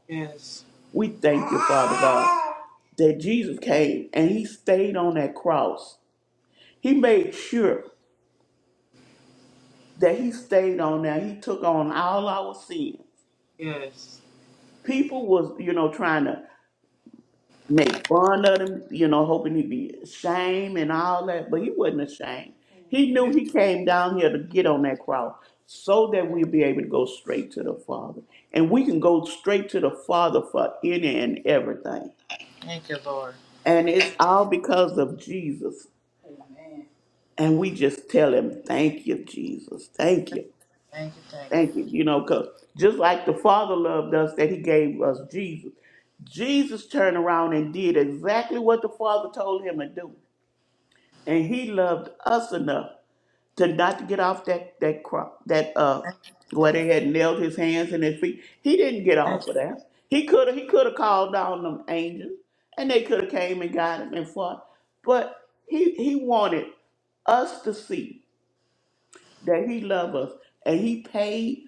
[SPEAKER 1] Yes.
[SPEAKER 2] We thank you, Father God, that Jesus came and he stayed on that cross. He made sure that he stayed on there. He took on all our sins
[SPEAKER 1] Yes.
[SPEAKER 2] people was, you know, trying to make fun of him, you know, hoping he'd be ashamed and all that, but he wasn't ashamed. He knew
[SPEAKER 1] yes.
[SPEAKER 2] he came down here to get on that cross so that we would be able to go straight to the Father. And we can go straight to the Father for any and everything.
[SPEAKER 1] Thank you, Lord.
[SPEAKER 2] And it's all because of Jesus. And we just tell him, thank you, Jesus. Thank you.
[SPEAKER 1] Thank you. Thank you.
[SPEAKER 2] Thank you. You know, cause just like the Father loved us, that He gave us Jesus. Jesus turned around and did exactly what the Father told him to do, and He loved us enough to not to get off that that cross, that uh,
[SPEAKER 1] Thank you,
[SPEAKER 2] where
[SPEAKER 1] Lord.
[SPEAKER 2] they had nailed His hands and His feet. He didn't get
[SPEAKER 1] Thank
[SPEAKER 2] off
[SPEAKER 1] you.
[SPEAKER 2] of that. He could have. He could have called down them angels, and they could have came and got him and fought. But He He wanted us to see that He loved us, and He paid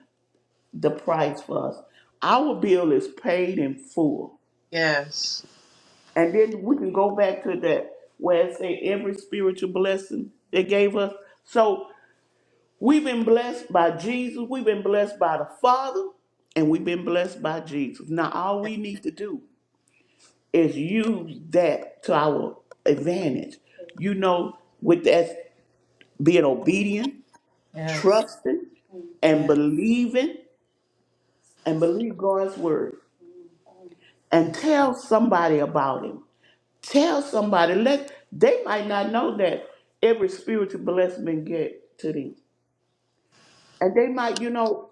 [SPEAKER 2] the price for us. Our bill is paid in full.
[SPEAKER 1] Yes.
[SPEAKER 2] And then we can go back to that where it say every spiritual blessing they gave us. So we've been blessed by Jesus, we've been blessed by the Father, and we've been blessed by Jesus. Now all we need to do is use that to our advantage. You know, with that being obedient,
[SPEAKER 1] Yes.
[SPEAKER 2] trusting, and
[SPEAKER 1] Yes.
[SPEAKER 2] believing, and believe God's word. And tell somebody about him Tell somebody. Let they might not know that every spiritual blessing been get to them, and they might, you know,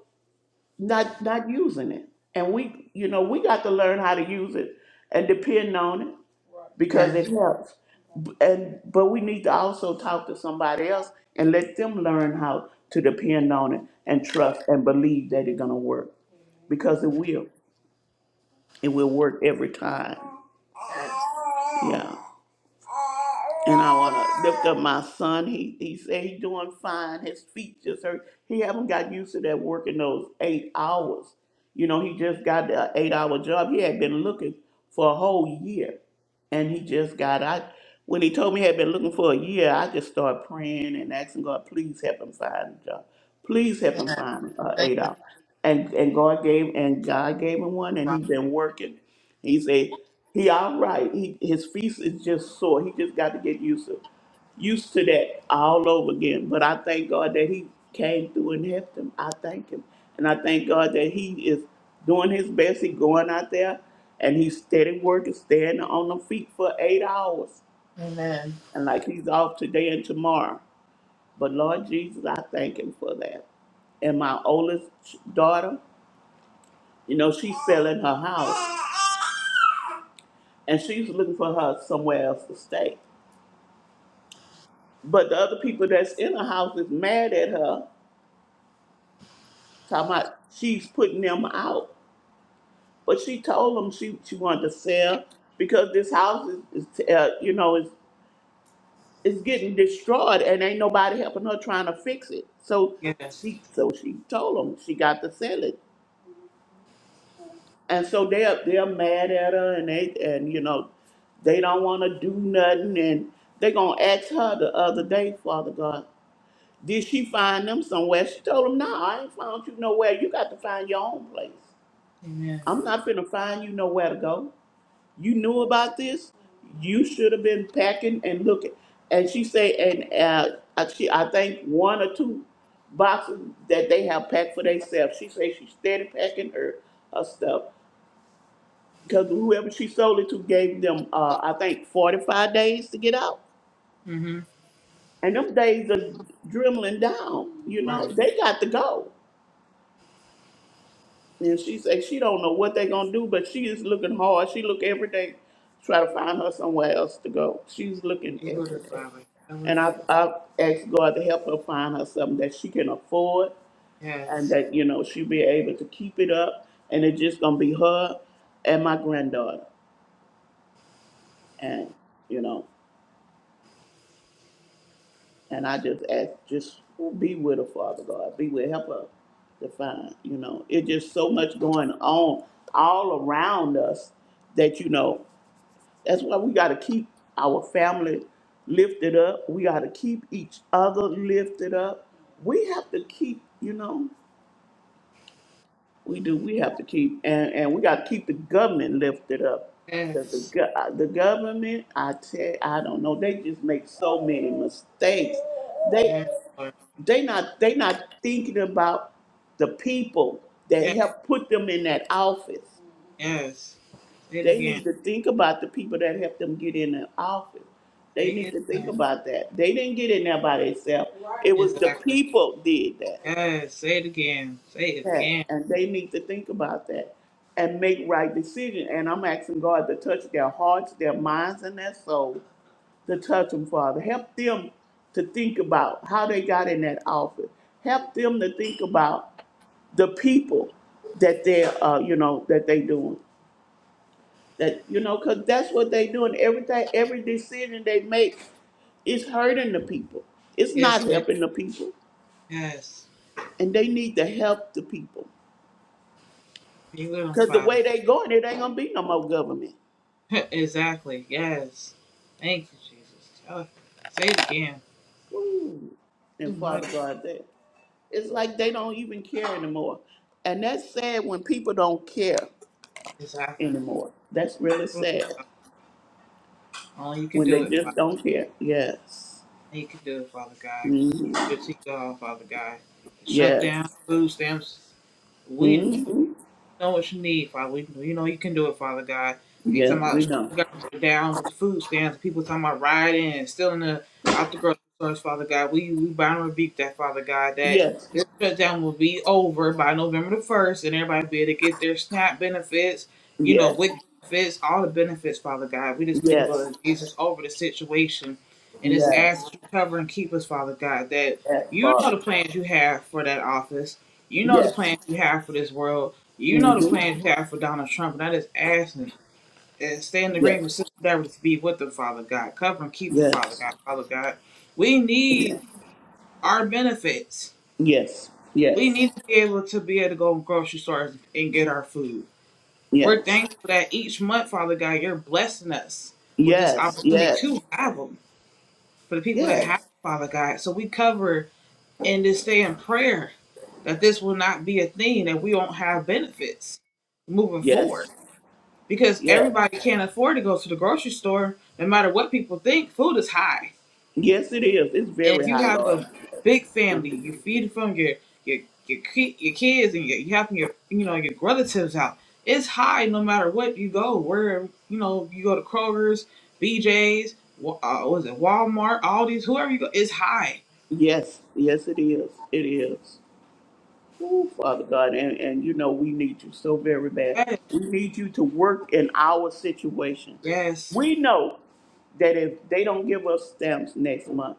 [SPEAKER 2] not not using it. And we, you know, we got to learn how to use it and depend on it because
[SPEAKER 1] Yes.
[SPEAKER 2] it helps. B- And but we need to also talk to somebody else and let them learn how to depend on it and trust and believe that it's gonna work because it will. It will work every time.
[SPEAKER 1] Yes.
[SPEAKER 2] Yeah. And I want
[SPEAKER 1] Lord.
[SPEAKER 2] to lift up my son. He he said he's doing fine. His feet just hurt. He haven't got used to that working those eight hours. You know, he just got the eight hour job. He had been looking for a whole year, and he just got. I when he told me he had been looking for a year, I just started praying and asking God, please help him find a job. Please help him find a
[SPEAKER 1] Thank
[SPEAKER 2] eight
[SPEAKER 1] you,
[SPEAKER 2] hour. And and God gave and God gave him one, and
[SPEAKER 1] Father.
[SPEAKER 2] he's been working. He said, he all right. He, his feast is just sore. He just got to get used to used to that all over again. But I thank God that he came through and helped him. I thank him. And I thank God that he is doing his best. He going out there and he's steady working, standing on the feet for eight hours.
[SPEAKER 1] Amen.
[SPEAKER 2] And like he's off today and tomorrow. But Lord Jesus, I thank him for that. And my oldest daughter, you know, she's selling her house and she's looking for her somewhere else to stay. But the other people that's in the house is mad at her, talking about she's putting them out. But she told them she, she wanted to sell because this house is, is uh, you know, is is getting destroyed and ain't nobody helping her trying to fix it. So
[SPEAKER 1] Yes.
[SPEAKER 2] she so she told them she got to sell it, and so they're they're mad at her and they and you know they don't want to do nothing and they gonna ask her the other day, Father God. Did she find them somewhere? She told him, No, I ain't found you nowhere. You got to find your own place.
[SPEAKER 1] Amen.
[SPEAKER 2] I'm not finna find you nowhere to go. You knew about this. You should have been packing and looking. And she say, and uh, I- she, I think one or two boxes that they have packed for themselves. She say she steady packing her, her stuff because whoever she sold it to gave them, uh, I think, 45 days to get out.
[SPEAKER 1] Mm-hmm.
[SPEAKER 2] And them days are dwindling down. You know,
[SPEAKER 1] Right.
[SPEAKER 2] they got to go. And she say she don't know what they gonna do, but she is looking hard. She look every day, try to find her somewhere else to go. She's looking
[SPEAKER 1] You are the
[SPEAKER 2] every day.
[SPEAKER 1] Father. I will
[SPEAKER 2] And I
[SPEAKER 1] keep it.
[SPEAKER 2] I asked God to help her find her something that she can afford and
[SPEAKER 1] Yes.
[SPEAKER 2] that, you know, she'll be able to keep it up and it's just gonna be her and my granddaughter. And, you know, and I just ask just be with her, Father God. Be with help her to find, you know. It's just so much going on all around us that you know That's why we got to keep our family lifted up. We got to keep each other lifted up. We have to keep, you know, we do. We have to keep, and, and we got to keep the government lifted up. 'Cause The,
[SPEAKER 1] Yes.
[SPEAKER 2] go- uh, the government, I tell, I don't know. They just make so many mistakes. They
[SPEAKER 1] Yes, Lord.
[SPEAKER 2] they not they not thinking about the people that
[SPEAKER 1] Yes.
[SPEAKER 2] help put them in that office.
[SPEAKER 1] Yes. Say it
[SPEAKER 2] They
[SPEAKER 1] again.
[SPEAKER 2] need to think about the people that helped them get in the office.
[SPEAKER 1] Say
[SPEAKER 2] They need
[SPEAKER 1] it
[SPEAKER 2] to think
[SPEAKER 1] again.
[SPEAKER 2] about that. They didn't get in there by themselves. It was the
[SPEAKER 1] Exactly.
[SPEAKER 2] people did that.
[SPEAKER 1] Yes. Say it again. Say it
[SPEAKER 2] that.
[SPEAKER 1] again.
[SPEAKER 2] And they need to think about that and make right decisions. And I'm asking God to touch their hearts, their minds, and their soul to touch them, Father. Help them to think about how they got in that office. Help them to think about the people that they're, uh, you know, that they doing. That you know, because that's what they doing. Everything, every decision they make is hurting the people. It's not
[SPEAKER 1] Yes,
[SPEAKER 2] helping the people,
[SPEAKER 1] Yes.
[SPEAKER 2] and they need to help the people.
[SPEAKER 1] Be with him,
[SPEAKER 2] Because the
[SPEAKER 1] Father.
[SPEAKER 2] way they going, it ain't gonna be no more government.
[SPEAKER 1] exactly. Yes. Thank you, Jesus. Tell it. Say it again.
[SPEAKER 2] Ooh.
[SPEAKER 1] Too
[SPEAKER 2] And
[SPEAKER 1] much.
[SPEAKER 2] Father God, that it's like they don't even care anymore. And that's sad when people don't care
[SPEAKER 1] Exactly. Be
[SPEAKER 2] anymore. That's really
[SPEAKER 1] with
[SPEAKER 2] sad
[SPEAKER 1] 'em, Father. Only you can
[SPEAKER 2] when they
[SPEAKER 1] do it,
[SPEAKER 2] just
[SPEAKER 1] Father.
[SPEAKER 2] don't care. Yes.
[SPEAKER 1] Only you can do it, Father God.
[SPEAKER 2] hmm
[SPEAKER 1] Give it to you all, Father God. Shut down
[SPEAKER 2] Yes.
[SPEAKER 1] food stamps. We
[SPEAKER 2] hmm
[SPEAKER 1] know what you need, Father. We, can do. you know you can do it, Father God. They
[SPEAKER 2] Yeah,
[SPEAKER 1] talking
[SPEAKER 2] we
[SPEAKER 1] about shutting
[SPEAKER 2] know.
[SPEAKER 1] the government down with the food stamps. People talking about rioting and stealing the, out the grocery stores, Father God. We we bound and rebuke that, Father God. That
[SPEAKER 2] Yes.
[SPEAKER 1] this shutdown will be over by November the first, and everybody will be able to get their SNAP benefits, you know,
[SPEAKER 2] Yes.
[SPEAKER 1] WIC benefits, all the benefits, Father God. We just plead the blood
[SPEAKER 2] Yes.
[SPEAKER 1] of Jesus over the situation, and just
[SPEAKER 2] Yes.
[SPEAKER 1] ask that you cover and keep us, Father God. That
[SPEAKER 2] Yes,
[SPEAKER 1] you know
[SPEAKER 2] Father.
[SPEAKER 1] the plans you have for that office. You know the
[SPEAKER 2] Yes.
[SPEAKER 1] plans you have for this world you know the
[SPEAKER 2] Mm-hmm.
[SPEAKER 1] plans you have for Donald Trump, and I just ask him, and stay in the
[SPEAKER 2] Yes.
[SPEAKER 1] ring with Sister Deborah to be with them, Father God. Cover and keep them, Father
[SPEAKER 2] Yes.
[SPEAKER 1] God, Father God. We need
[SPEAKER 2] Yes.
[SPEAKER 1] our benefits. We
[SPEAKER 2] Yes.
[SPEAKER 1] need to be able to be able to go to grocery stores and get our food. We're
[SPEAKER 2] Yes.
[SPEAKER 1] thankful that each month, Father God, you're blessing us with this
[SPEAKER 2] Yes. Yes.
[SPEAKER 1] opportunity to
[SPEAKER 2] Yes.
[SPEAKER 1] have them for the people that have,
[SPEAKER 2] Yes.
[SPEAKER 1] them, Father God. So we cover and just stay in prayer that this will not be a thing, that we won't have benefits moving forward. because
[SPEAKER 2] Yes.
[SPEAKER 1] everybody can't afford to go to the grocery store. No matter what people think, food is high.
[SPEAKER 2] Yes, it is. It's
[SPEAKER 1] And if
[SPEAKER 2] very
[SPEAKER 1] you
[SPEAKER 2] high,
[SPEAKER 1] have
[SPEAKER 2] Lord.
[SPEAKER 1] a big
[SPEAKER 2] Thank
[SPEAKER 1] family,
[SPEAKER 2] you.
[SPEAKER 1] you feed from your your your, ki- your kids and your, you helping your you know your relatives out. It's high no matter what you go. Where you know you go to Kroger's, BJ's, Wa- uh, was it Walmart, Aldi's, whoever you go, it's high.
[SPEAKER 2] Yes. Yes, it is. It is. Ooh, Father God, and, and you know we need you so very bad.
[SPEAKER 1] Yes,
[SPEAKER 2] We need you to work in our situation.
[SPEAKER 1] yes,
[SPEAKER 2] We know that if they don't give us stamps next month,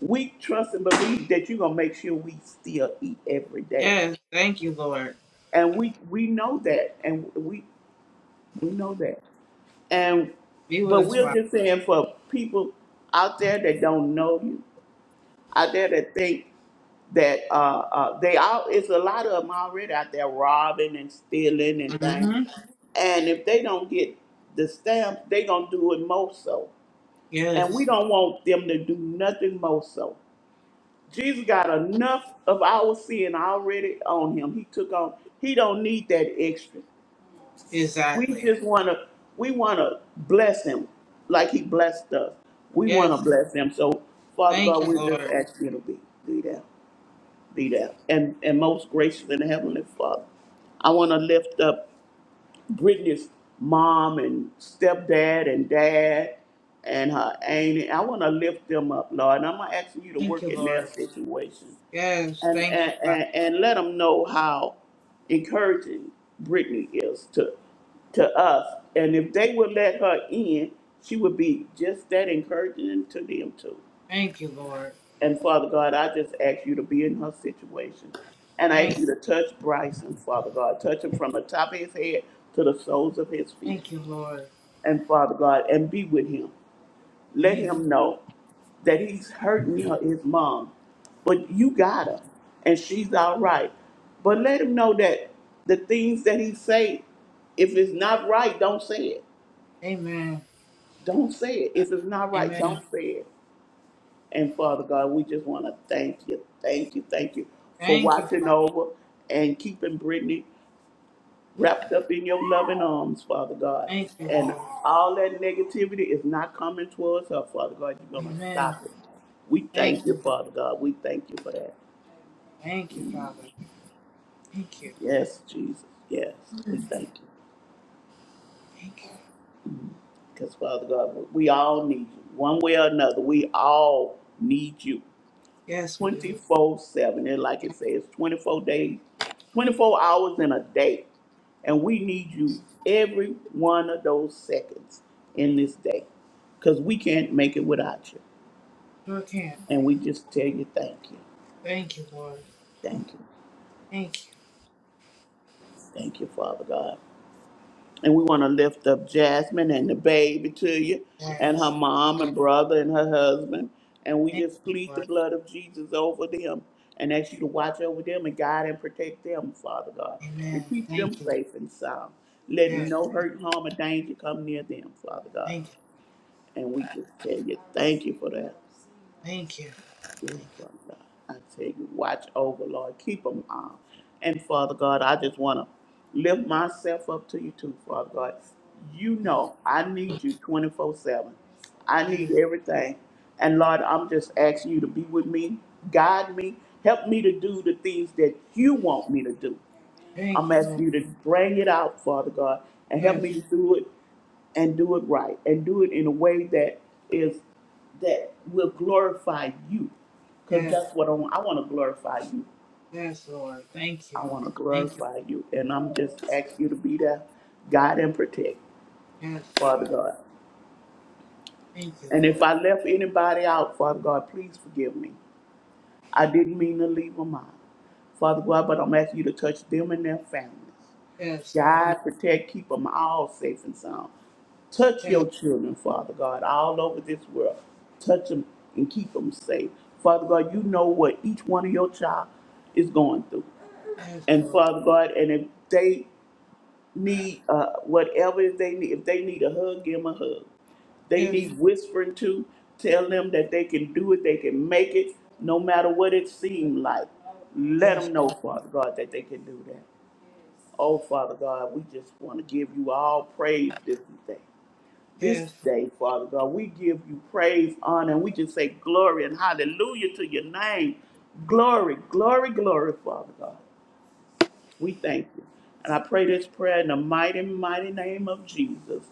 [SPEAKER 2] we trust and believe that you're gonna make sure we still eat every day.
[SPEAKER 1] yes. Thank you, Lord.
[SPEAKER 2] And we we know that, and we we know that, and
[SPEAKER 1] Be with
[SPEAKER 2] but
[SPEAKER 1] us,
[SPEAKER 2] we're
[SPEAKER 1] Father.
[SPEAKER 2] just saying for people out there that don't know you, out there that think. that uh, uh, they all it's a lot of them already out there robbing and stealing and things.
[SPEAKER 1] hmm
[SPEAKER 2] And if they don't get the stamps, they gonna do it more so. And we
[SPEAKER 1] Yes,
[SPEAKER 2] don't want them to do nothing more so. Jesus got enough of our sin already on him. He took on. He don't need that extra. We
[SPEAKER 1] exactly.
[SPEAKER 2] just wanna we wanna bless him like he blessed us. We wanna
[SPEAKER 1] Yes,
[SPEAKER 2] bless him. So Father
[SPEAKER 1] thank
[SPEAKER 2] God,
[SPEAKER 1] you,
[SPEAKER 2] we just
[SPEAKER 1] Lord.
[SPEAKER 2] ask you to be do that. be there. And and most gracious and heavenly Father, I want to lift up Brittany's mom and stepdad and dad and her auntie. I want to lift them up, Lord. And I'm not asking you to
[SPEAKER 1] Thank
[SPEAKER 2] work
[SPEAKER 1] you,
[SPEAKER 2] in their
[SPEAKER 1] Lord.
[SPEAKER 2] situation
[SPEAKER 1] Yes,
[SPEAKER 2] and
[SPEAKER 1] thank you,
[SPEAKER 2] and,
[SPEAKER 1] Father.
[SPEAKER 2] and, and let them know how encouraging Brittany is to to us. And if they would let her in, she would be just that encouraging to them too.
[SPEAKER 1] Thank you, Lord.
[SPEAKER 2] And Father God, I just ask you to be in her situation. And I ask
[SPEAKER 1] Thank,
[SPEAKER 2] you to touch Bryson, Father God. Touch him from the top of his head to the soles of his feet.
[SPEAKER 1] thank you, Lord.
[SPEAKER 2] And Father God, and be with him. Let
[SPEAKER 1] Thank you.
[SPEAKER 2] him know that he's hurting her, his mom. But you got her, and she's all right. But let him know that the things that he say, if it's not right, don't say it.
[SPEAKER 1] Amen.
[SPEAKER 2] Don't say it. If it's not right,
[SPEAKER 1] Amen.
[SPEAKER 2] don't say it. And Father God, we just want to thank you, thank you, thank you for
[SPEAKER 1] Thank you,
[SPEAKER 2] watching
[SPEAKER 1] Father.
[SPEAKER 2] over and keeping Brittany wrapped up in your loving arms, Father God.
[SPEAKER 1] Thank you,
[SPEAKER 2] And
[SPEAKER 1] Lord.
[SPEAKER 2] all that negativity is not coming towards her, Father God. You're going to
[SPEAKER 1] Amen.
[SPEAKER 2] stop it. We thank
[SPEAKER 1] Thank you,
[SPEAKER 2] you,
[SPEAKER 1] Lord.
[SPEAKER 2] Father God. We thank you for that.
[SPEAKER 1] Thank you, Father. Thank you.
[SPEAKER 2] Yes, Jesus. Yes, we thank you.
[SPEAKER 1] Thank you.
[SPEAKER 2] Because, Father God, we all need you. One way or another, we all need you.
[SPEAKER 1] Yes, we do.
[SPEAKER 2] 24 7. And like
[SPEAKER 1] Yes,
[SPEAKER 2] it says, 24 days, 24 hours in a day. And we need you every one of those seconds in this day because we can't make it without you.
[SPEAKER 1] sure can.
[SPEAKER 2] And we just tell you thank you.
[SPEAKER 1] Thank you, Lord.
[SPEAKER 2] Thank you.
[SPEAKER 1] Thank you.
[SPEAKER 2] Thank you, Father God. And we want to lift up Jasmine and the baby to you, and her
[SPEAKER 1] Yes.
[SPEAKER 2] mom
[SPEAKER 1] Lord.
[SPEAKER 2] and brother and her husband. And we
[SPEAKER 1] Thank
[SPEAKER 2] just
[SPEAKER 1] you,
[SPEAKER 2] plead the
[SPEAKER 1] Lord.
[SPEAKER 2] blood of Jesus over them and ask you to watch over them and guide and protect them, Father God,
[SPEAKER 1] Amen.
[SPEAKER 2] and keep them
[SPEAKER 1] Thank you, Lord.
[SPEAKER 2] safe and sound. Let
[SPEAKER 1] Yes.
[SPEAKER 2] no hurt, harm, or danger come near them, Father God.
[SPEAKER 1] Thank you.
[SPEAKER 2] And we just tell you, thank you for that.
[SPEAKER 1] Thank you.
[SPEAKER 2] Yes,
[SPEAKER 1] Thank you.
[SPEAKER 2] Father God. I tell you watch over, Lord. Keep them on. And Father God, I just want to lift myself up to you too, Father God. You know I need you 24 7. I need
[SPEAKER 1] Yes.
[SPEAKER 2] everything. And Lord, I'm just asking you to be with me, guide me, help me to do the things that you want me to do.
[SPEAKER 1] Thank
[SPEAKER 2] I'm
[SPEAKER 1] you, Lord.
[SPEAKER 2] asking you to bring it out, Father God, and help
[SPEAKER 1] Yes.
[SPEAKER 2] me to do it and do it right and do it in a way that is that will glorify you. Because
[SPEAKER 1] Yes.
[SPEAKER 2] that's what I want. I want to glorify you.
[SPEAKER 1] Yes, Lord. Thank you.
[SPEAKER 2] I want to
[SPEAKER 1] Thank you.
[SPEAKER 2] glorify you. And I'm just asking you to be there, guide and protect,
[SPEAKER 1] Yes,
[SPEAKER 2] Father
[SPEAKER 1] Lord.
[SPEAKER 2] God.
[SPEAKER 1] Thank you,
[SPEAKER 2] And if
[SPEAKER 1] Lord.
[SPEAKER 2] I left anybody out, Father God, please forgive me. I didn't mean to leave them out. Father God, but I'm asking you to touch them and their families.
[SPEAKER 1] Yes, Lord.
[SPEAKER 2] Guide, protect, keep them all safe and sound. Touch
[SPEAKER 1] Yes,
[SPEAKER 2] your children, Father God, all over this world. Touch them and keep them safe. Father God, you know what each one of your child is going through.
[SPEAKER 1] yes,
[SPEAKER 2] And
[SPEAKER 1] Lord.
[SPEAKER 2] Father God, and if they need uh, whatever they need, if they need a hug, give them a hug. They
[SPEAKER 1] Yes,
[SPEAKER 2] need whispering to. Tell them that they can do it, they can make it, no matter what it seemed like. Let
[SPEAKER 1] yes,
[SPEAKER 2] them
[SPEAKER 1] Lord.
[SPEAKER 2] know, Father God, that they can do that. Oh, Father God, we just want to give you all praise this day. This
[SPEAKER 1] yes.
[SPEAKER 2] day, Father God, we give you praise, honor, and we just say glory and hallelujah to your name. Glory, glory, glory, Father God. We thank you. And I pray this prayer in the mighty, mighty name of Jesus.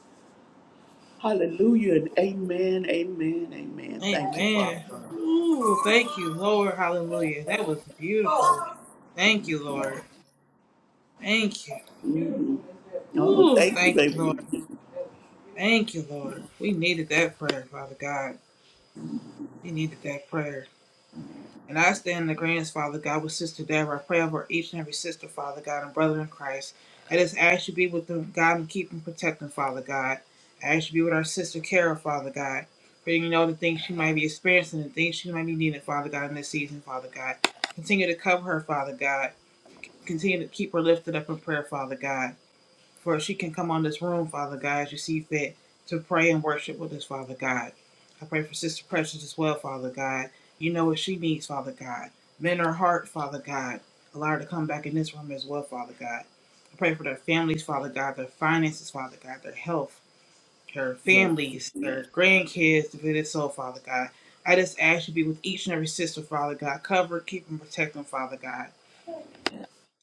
[SPEAKER 2] Hallelujah and amen, amen, amen. Thank you, Father.
[SPEAKER 1] Amen. Ooh, thank you, Lord. Hallelujah. That was beautiful.
[SPEAKER 2] God.
[SPEAKER 1] Thank you, Lord. Thank you.
[SPEAKER 2] Mhm. Oh, thank you,
[SPEAKER 1] Thank you,
[SPEAKER 2] baby.
[SPEAKER 1] Lord. Thank you, Lord. We needed that prayer, Father God. We needed that prayer. And I stand in the agreement, Father God, with Sister Deborah. I pray over each and every sister, Father God, and brother in Christ. I just ask you be with them, God, and keep them protecting, Father God. I ask you be with our sister Kara, Father God. For you know the things she might be experiencing, the things she might be needing, Father God, in this season, Father God. Continue to cover her, Father God. Continue to keep her lifted up in prayer, Father God for she can come on this room, Father God, as you see fit, to pray and worship with us, Father God. I pray for Sister Precious as well, Father God. You know what she needs, Father God. Mend her heart, Father God. Allow her to come back in this room as well, Father God. I pray for their families, Father God, their finances, Father God, their health, their
[SPEAKER 2] Yes,
[SPEAKER 1] families,
[SPEAKER 2] yes,
[SPEAKER 1] their grandkids, the visit soul, Father God. I just ask you to be with each and every sister, Father God. Cover, keep, and protect them, Father God.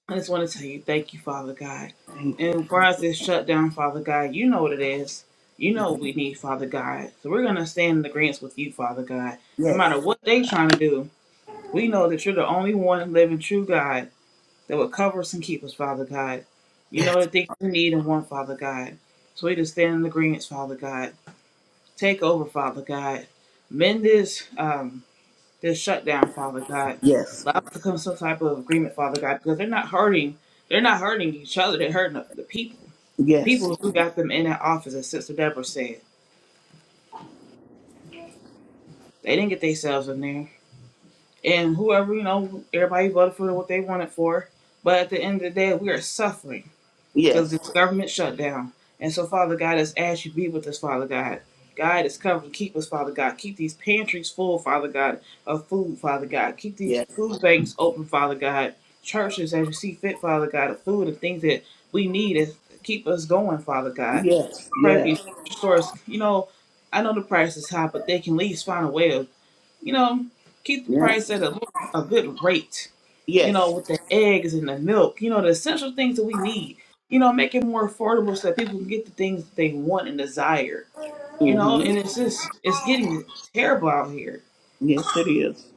[SPEAKER 1] I just want to tell you, thank you, Father God. And for us, it's shut down, Father God. You know what it is. You know what we need, Father God. So we're going to stand in agreement with you, Father God. No matter what they trying to do, we know that you're the only one living true God that will cover us and keep us, Father God. You know the things we need and want, Father God. So we just stand in agreement, Father God. Take over, Father God. Mend this. Um, this shutdown, Father God.
[SPEAKER 2] yes,
[SPEAKER 1] Allow us to come to some type of agreement, Father God, because they're not hurting. They're not hurting each other. They're hurting the people. The
[SPEAKER 2] yes,
[SPEAKER 1] people who got them in that office, as Sister Deborah said, they didn't get themselves in there. And whoever, you know, everybody voted for what they wanted for. But at the end of the day, we are suffering. because
[SPEAKER 2] yes,
[SPEAKER 1] this government shutdown. And so, Father God, as as you be with us, Father God. Guide us, cover and keep us, Father God. Keep these pantries full, Father God, of food, Father God. Keep these
[SPEAKER 2] yes,
[SPEAKER 1] food banks open, Father God. Churches, as you see fit, Father God, of food and things that we need to keep us going, Father God.
[SPEAKER 2] yes,
[SPEAKER 1] Pray for these
[SPEAKER 2] yes,
[SPEAKER 1] stores. You know, I know the price is high, but they can at least find a way of, you know, keep the
[SPEAKER 2] yes,
[SPEAKER 1] price at a, a good rate
[SPEAKER 2] yes,
[SPEAKER 1] you know,
[SPEAKER 2] yes.
[SPEAKER 1] with the eggs and the milk, you know, the essential things that we need. You know, make it more affordable so that people can get the things that they want and desire. You know,
[SPEAKER 2] Mm-hmm.
[SPEAKER 1] and it's just it's getting terrible out here.
[SPEAKER 2] Yes, it is.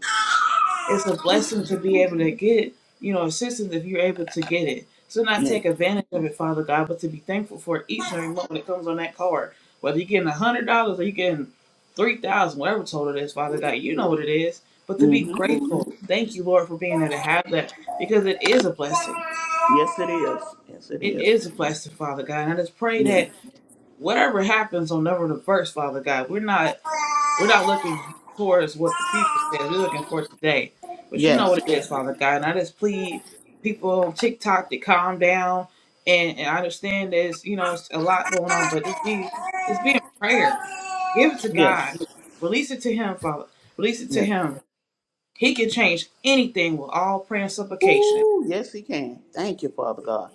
[SPEAKER 1] It's a blessing to be able to get, you know, assistance if you're able to get it. So not
[SPEAKER 2] Yes.
[SPEAKER 1] take advantage of it, Father God, but to be thankful for each and every moment that comes on that card. Whether you're getting a hundred dollars or you're getting three thousand, whatever total it is, Father God, you know what it is. But to be
[SPEAKER 2] Mm-hmm.
[SPEAKER 1] grateful. Thank you, Lord, for being able to have that because it is a blessing
[SPEAKER 2] Yes, it is. Yes, it
[SPEAKER 1] It
[SPEAKER 2] is.
[SPEAKER 1] is a blessing, Father God. And I just pray
[SPEAKER 2] Yes.
[SPEAKER 1] that whatever happens on November the first, Father God, we're not we're not looking towards what the future says. We're looking for today. But you know
[SPEAKER 2] Yes.
[SPEAKER 1] what it is, Father God. And I just plead people on TikTok to calm down and, and I understand there's you know it's a lot going on, but just be just be in prayer. Give it to God.
[SPEAKER 2] Yes.
[SPEAKER 1] Release it to him, Father. Release it to
[SPEAKER 2] Yes.
[SPEAKER 1] him. He can change anything with all prayer and supplication.
[SPEAKER 2] Ooh, yes, he can. Thank you, Father God.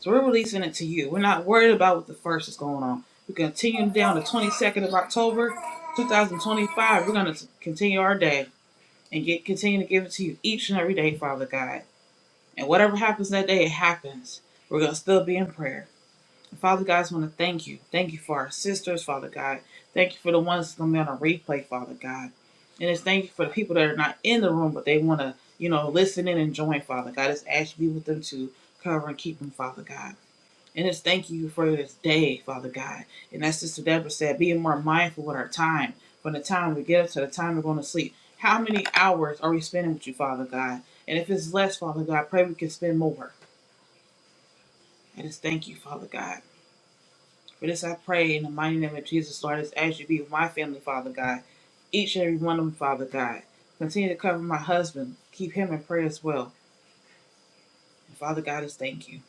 [SPEAKER 1] So we're releasing it to you. We're not worried about what the first is going on. We're continuing down the 22nd of October, 2025. We're going to continue our day and get continue to give it to you each and every day, Father God. And whatever happens that day, it happens. We're going to still be in prayer. And Father God, I just want to thank you. Thank you for our sisters, Father God. Thank you for the ones that's going to be on a replay, Father God. And it's thank you for the people that are not in the room, but they want to, you know, listen in and join, Father God. Just ask you to be with them too. Cover and keep them, Father God. And just thank you for this day, Father God. And as Sister Deborah said, being more mindful with our time, from the time we get up to the time we're going to sleep. How many hours are we spending with you, Father God? And if it's less, Father God, I pray we can spend more. I just thank you, Father God. For this I pray in the mighty name of Jesus, Lord, as as you be with my family, Father God. Each and every one of them, Father God. Continue to cover my husband. Keep him in prayer as well. And Father God, I just thank you.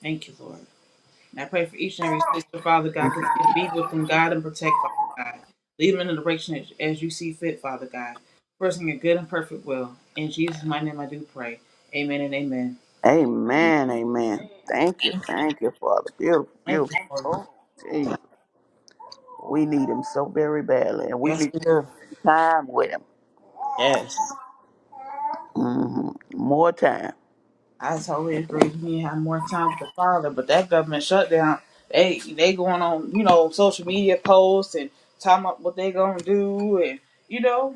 [SPEAKER 1] Thank you, Lord. And I pray for each and every sister, Father God. Continue to be with them, God, and protect, Father God. Lead them in the direction as, as you see fit, Father God. First in your good and perfect will. In Jesus' mighty name I do pray. Amen and amen.
[SPEAKER 2] Amen. Amen. Thank you. Thank you, Father. Beautiful, beautiful.
[SPEAKER 1] Thank you, Lord.
[SPEAKER 2] Oh, Jesus. We need him so very badly, and we
[SPEAKER 1] Yes,
[SPEAKER 2] need
[SPEAKER 1] we
[SPEAKER 2] to
[SPEAKER 1] do.
[SPEAKER 2] spend some time with him.
[SPEAKER 1] Yes.
[SPEAKER 2] hmm More time.
[SPEAKER 1] I totally agree. We need to have more time with the Father, but that government shutdown, they they going on, you know, social media posts and talking about what they gonna do and you know,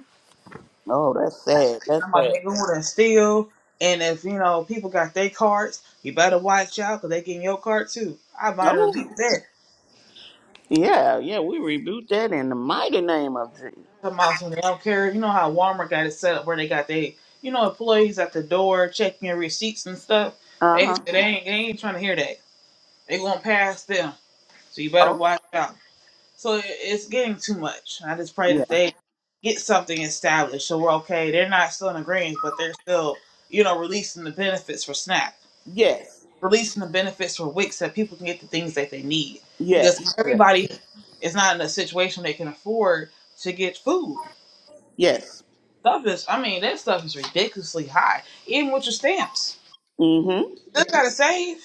[SPEAKER 2] Oh, that's sad. That's
[SPEAKER 1] I'm like
[SPEAKER 2] sad.
[SPEAKER 1] they going and steal. And if you know people got their cards, you better watch out because they getting your card too. I might
[SPEAKER 2] Oh,
[SPEAKER 1] rebuke that.
[SPEAKER 2] yeah, yeah. We rebuke that in the mighty name of Jesus.
[SPEAKER 1] Talking about some they don't care. You know how Walmart got it set up where they got they you know employees at the door checking your receipts and stuff.
[SPEAKER 2] Uh
[SPEAKER 1] They
[SPEAKER 2] huh.
[SPEAKER 1] they ain't they ain't trying to hear that. They gonna pass them, so you better
[SPEAKER 2] Oh,
[SPEAKER 1] watch out. So it, it's getting too much. I just pray
[SPEAKER 2] yeah.
[SPEAKER 1] that they get something established so we're okay. They're not still in agreement, but they're still you know releasing the benefits for SNAP.
[SPEAKER 2] Yes.
[SPEAKER 1] releasing the benefits for Wix so that people can get the things that they need.
[SPEAKER 2] Yes,
[SPEAKER 1] Because
[SPEAKER 2] yes,
[SPEAKER 1] everybody is not in a situation they can afford to get food.
[SPEAKER 2] yes.
[SPEAKER 1] Stuff is, I mean, that stuff is ridiculously high, even with your stamps.
[SPEAKER 2] Mm-hmm.
[SPEAKER 1] Still gotta save.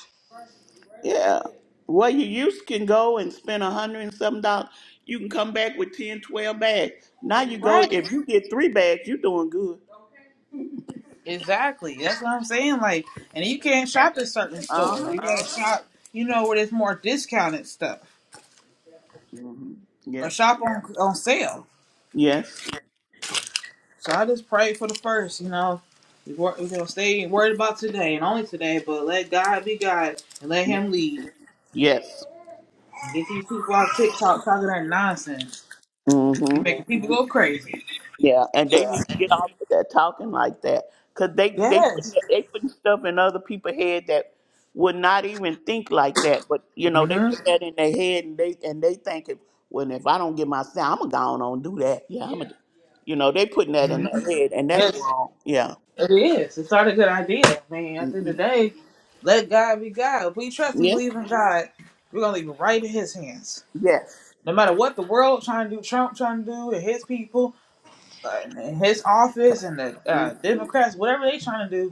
[SPEAKER 2] Yeah. Well, you used can go and spend a hundred and some dollars. You can come back with 10, 12 bags. Now you go,
[SPEAKER 1] Right,
[SPEAKER 2] if you get three bags, you're doing good.
[SPEAKER 1] exactly. That's what I'm saying. Like, and you can't shop at certain stores.
[SPEAKER 2] Uh-huh.
[SPEAKER 1] You gotta shop, you know, where there's more discounted stuff
[SPEAKER 2] Mm-hmm.
[SPEAKER 1] or
[SPEAKER 2] Yep.
[SPEAKER 1] shop on on sale.
[SPEAKER 2] Yes.
[SPEAKER 1] So I just pray for the first, you know. We're, going to stay worried about today and only today, but let God be God and let Him lead.
[SPEAKER 2] Yes.
[SPEAKER 1] And get these people off TikTok talking that nonsense.
[SPEAKER 2] Mm-hmm.
[SPEAKER 1] You making people go crazy.
[SPEAKER 2] Yeah, and they need to get off of that talking like that, cause they they putting
[SPEAKER 1] Yes.
[SPEAKER 2] they putting stuff in other people's head that would not even think like that. But you know they
[SPEAKER 1] hmm
[SPEAKER 2] put that in their head, and they and they thinking, well, if I don't get my sound, I'm gonna go on and do that. Yeah, I'm gonna, you know, they putting that in their head, and that's
[SPEAKER 1] Yes,
[SPEAKER 2] wrong. Yeah,
[SPEAKER 1] it is. It's not a good idea. I mean, at the end
[SPEAKER 2] hmm
[SPEAKER 1] of the day, let God be God. If we trust and
[SPEAKER 2] yeah,
[SPEAKER 1] believe in God, we're going to leave it right in His hands.
[SPEAKER 2] yes,
[SPEAKER 1] No matter what the world trying to do, Trump trying to do, and his people, uh, and his office, and the uh, Democrats, whatever they trying to do,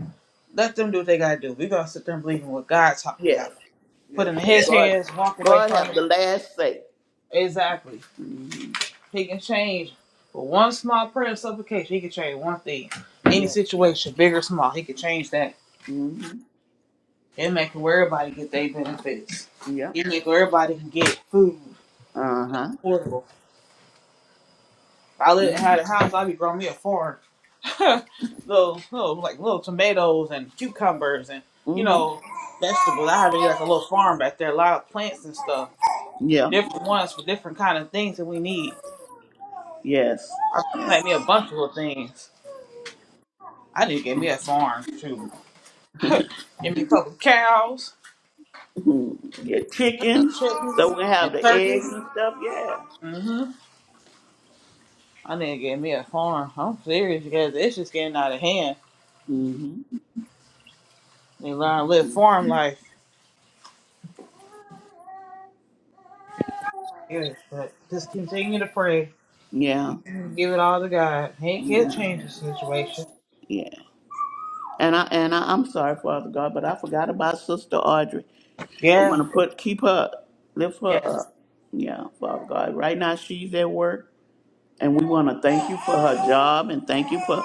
[SPEAKER 1] Let them do what they gotta do. We're gonna sit there and believe in what God's talking
[SPEAKER 2] yes,
[SPEAKER 1] about. Put
[SPEAKER 2] yes.
[SPEAKER 1] it in
[SPEAKER 2] 'Cause
[SPEAKER 1] his
[SPEAKER 2] God,
[SPEAKER 1] hands, walk away
[SPEAKER 2] God
[SPEAKER 1] from
[SPEAKER 2] have
[SPEAKER 1] it.
[SPEAKER 2] the last say.
[SPEAKER 1] Exactly.
[SPEAKER 2] hmm
[SPEAKER 1] He can change. With one small prayer of supplication, he can change one thing. Any
[SPEAKER 2] Yes.
[SPEAKER 1] situation, big or small, he can change that.
[SPEAKER 2] hmm
[SPEAKER 1] And make where everybody get their benefits.
[SPEAKER 2] Yeah.
[SPEAKER 1] He make where everybody can get food
[SPEAKER 2] Uh
[SPEAKER 1] affordable. If I live
[SPEAKER 2] huh.
[SPEAKER 1] had a house, I'd be growing me a farm. little, little like little tomatoes and cucumbers and you
[SPEAKER 2] hmm
[SPEAKER 1] know, vegetables. I had me like a little farm back there, a lot of plants and stuff
[SPEAKER 2] Yeah.
[SPEAKER 1] different ones for different kind of things that we need.
[SPEAKER 2] Yes.
[SPEAKER 1] I plant me a bunch of little things. I need to get me a farm too. Give me a couple cows,
[SPEAKER 2] hmm Yeah. Chicken.
[SPEAKER 1] chickens,
[SPEAKER 2] So we
[SPEAKER 1] and
[SPEAKER 2] have the eggs
[SPEAKER 1] turkeys.
[SPEAKER 2] and stuff. Yeah.
[SPEAKER 1] hmm I need to get me a farm. I'm serious because it's just getting out of hand.
[SPEAKER 2] hmm
[SPEAKER 1] They learn to live farm life. Yes, but just continue to pray.
[SPEAKER 2] Yeah.
[SPEAKER 1] Give it all to God. He can
[SPEAKER 2] Yeah.
[SPEAKER 1] change the situation.
[SPEAKER 2] Yeah. And I and I, I'm sorry, Father God, but I forgot about Sister Audrey. I want
[SPEAKER 1] Yeah.
[SPEAKER 2] to put keep her, lift her
[SPEAKER 1] Yes.
[SPEAKER 2] up. Yeah, Father God. Right now she's at work. And we want to thank you for her job and thank you for